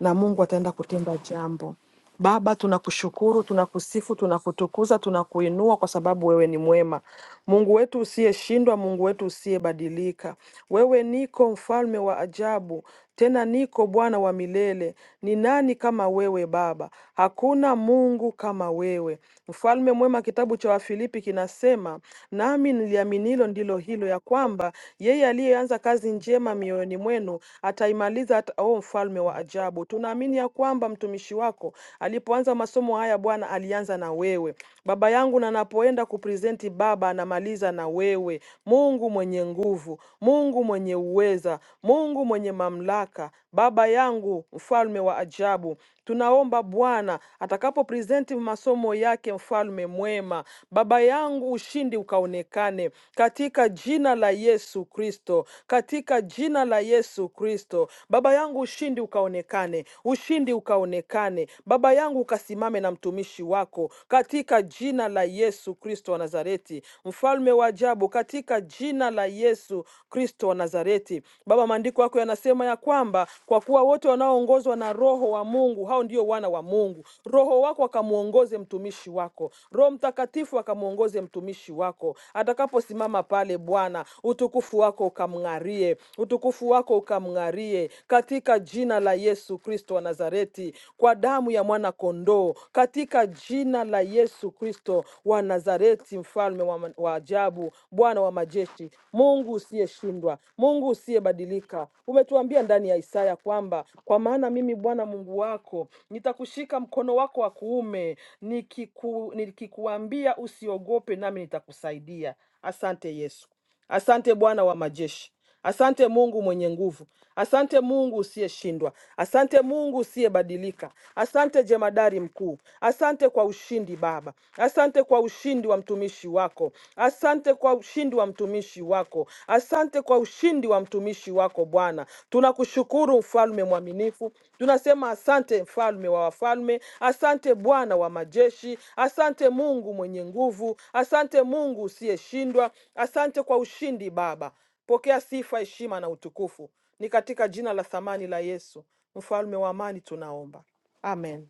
S1: na Mungu ataenda kutenda jambo. Baba, tunakushukuru, tunakusifu, tunakutukuza, tunakuinua kwa sababu wewe ni mwema, Mungu wetu usiyeshindwa, Mungu wetu usiyebadilika. Wewe niko mfalme wa ajabu, tena niko Bwana wa milele. Ni nani kama wewe Baba? Hakuna Mungu kama wewe, mfalme mwema. Kitabu cha Wafilipi kinasema, nami niliaminilo ndilo hilo, ya kwamba yeye aliyeanza kazi njema mioyoni mwenu ataimaliza hata, o mfalme wa ajabu. Tunaamini ya kwamba mtumishi wako alipoanza masomo haya Bwana alianza na wewe baba yangu, na anapoenda kupresenti Baba anamaliza na wewe, Mungu mwenye nguvu, Mungu mwenye uweza, Mungu mwenye mamlaka, Baba yangu mfalme wa ajabu, tunaomba Bwana atakapo presenti masomo yake, mfalme mwema, baba yangu, ushindi ukaonekane katika jina la Yesu Kristo, katika jina la Yesu Kristo. Baba yangu, ushindi ukaonekane, ushindi ukaonekane, baba yangu, ukasimame na mtumishi wako katika jina la Yesu Kristo wa Nazareti, mfalme wa ajabu, katika jina la Yesu Kristo. Kristo wa Nazareti. Baba, maandiko yako yanasema ya kwamba kwa kuwa wote wanaoongozwa na Roho wa Mungu hao ndio wana wa Mungu. Roho wako akamwongoze mtumishi wako, Roho Mtakatifu akamwongoze mtumishi wako atakaposimama pale. Bwana, utukufu wako ukamng'arie, utukufu wako ukamng'arie, katika jina la Yesu Kristo wa Nazareti, kwa damu ya mwana kondoo, katika jina la Yesu Kristo wa Nazareti, mfalme wa, wa wa ajabu, Bwana wa majeshi, Mungu usiyeshindwa, Mungu usiyebadilika. Umetuambia ndani ya Isaya kwamba kwa maana mimi Bwana Mungu wako nitakushika mkono wako wa kuume, nikiku, nikikuambia usiogope, nami nitakusaidia. Asante Yesu. Asante Bwana wa majeshi. Asante Mungu mwenye nguvu. Asante Mungu usiyeshindwa. Asante Mungu usiyebadilika. Asante jemadari mkuu. Asante kwa ushindi Baba. Asante kwa ushindi wa mtumishi wako. Asante kwa ushindi wa mtumishi wako. Asante kwa ushindi wa mtumishi wako Bwana. Tunakushukuru mfalme mwaminifu, tunasema asante mfalme wa wafalme, asante Bwana wa majeshi, asante Mungu mwenye nguvu, asante Mungu usiyeshindwa, asante kwa ushindi Baba. Pokea sifa, heshima na utukufu, ni katika jina la thamani la Yesu, mfalme wa amani, tunaomba amen,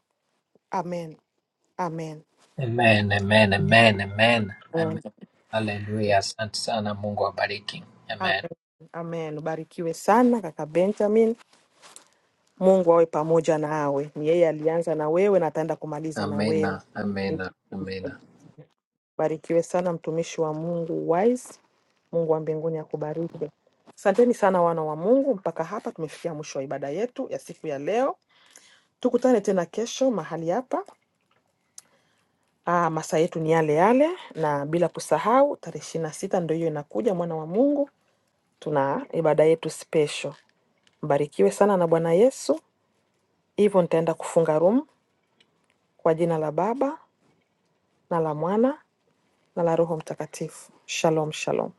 S1: amen, amen,
S3: Amen, amen, amen, amen. amen.
S1: amen.
S3: Hallelujah. Asante sana, Mungu awabariki. Amen.
S1: amen. Amen. Ubarikiwe sana kaka Benjamin. Mungu awe pamoja nawe. Ni yeye alianza na wewe na ataenda kumaliza na
S3: Amena,
S1: wewe.
S3: amena, amena.
S1: Barikiwe sana mtumishi wa Mungu wise. Mungu wa mbinguni akubariki. Asanteni sana wana wa Mungu, mpaka hapa tumefikia mwisho wa ibada yetu ya siku ya leo. Tukutane tena kesho mahali hapa. Ah, masaa yetu ni yale yale, na bila kusahau tarehe ishirini na sita ndio hiyo inakuja, mwana wa Mungu, tuna ibada yetu special. Mbarikiwe sana na Bwana Yesu. Hivyo nitaenda kufunga room kwa jina la Baba na la Mwana na la Roho Mtakatifu. Shalom, shalom.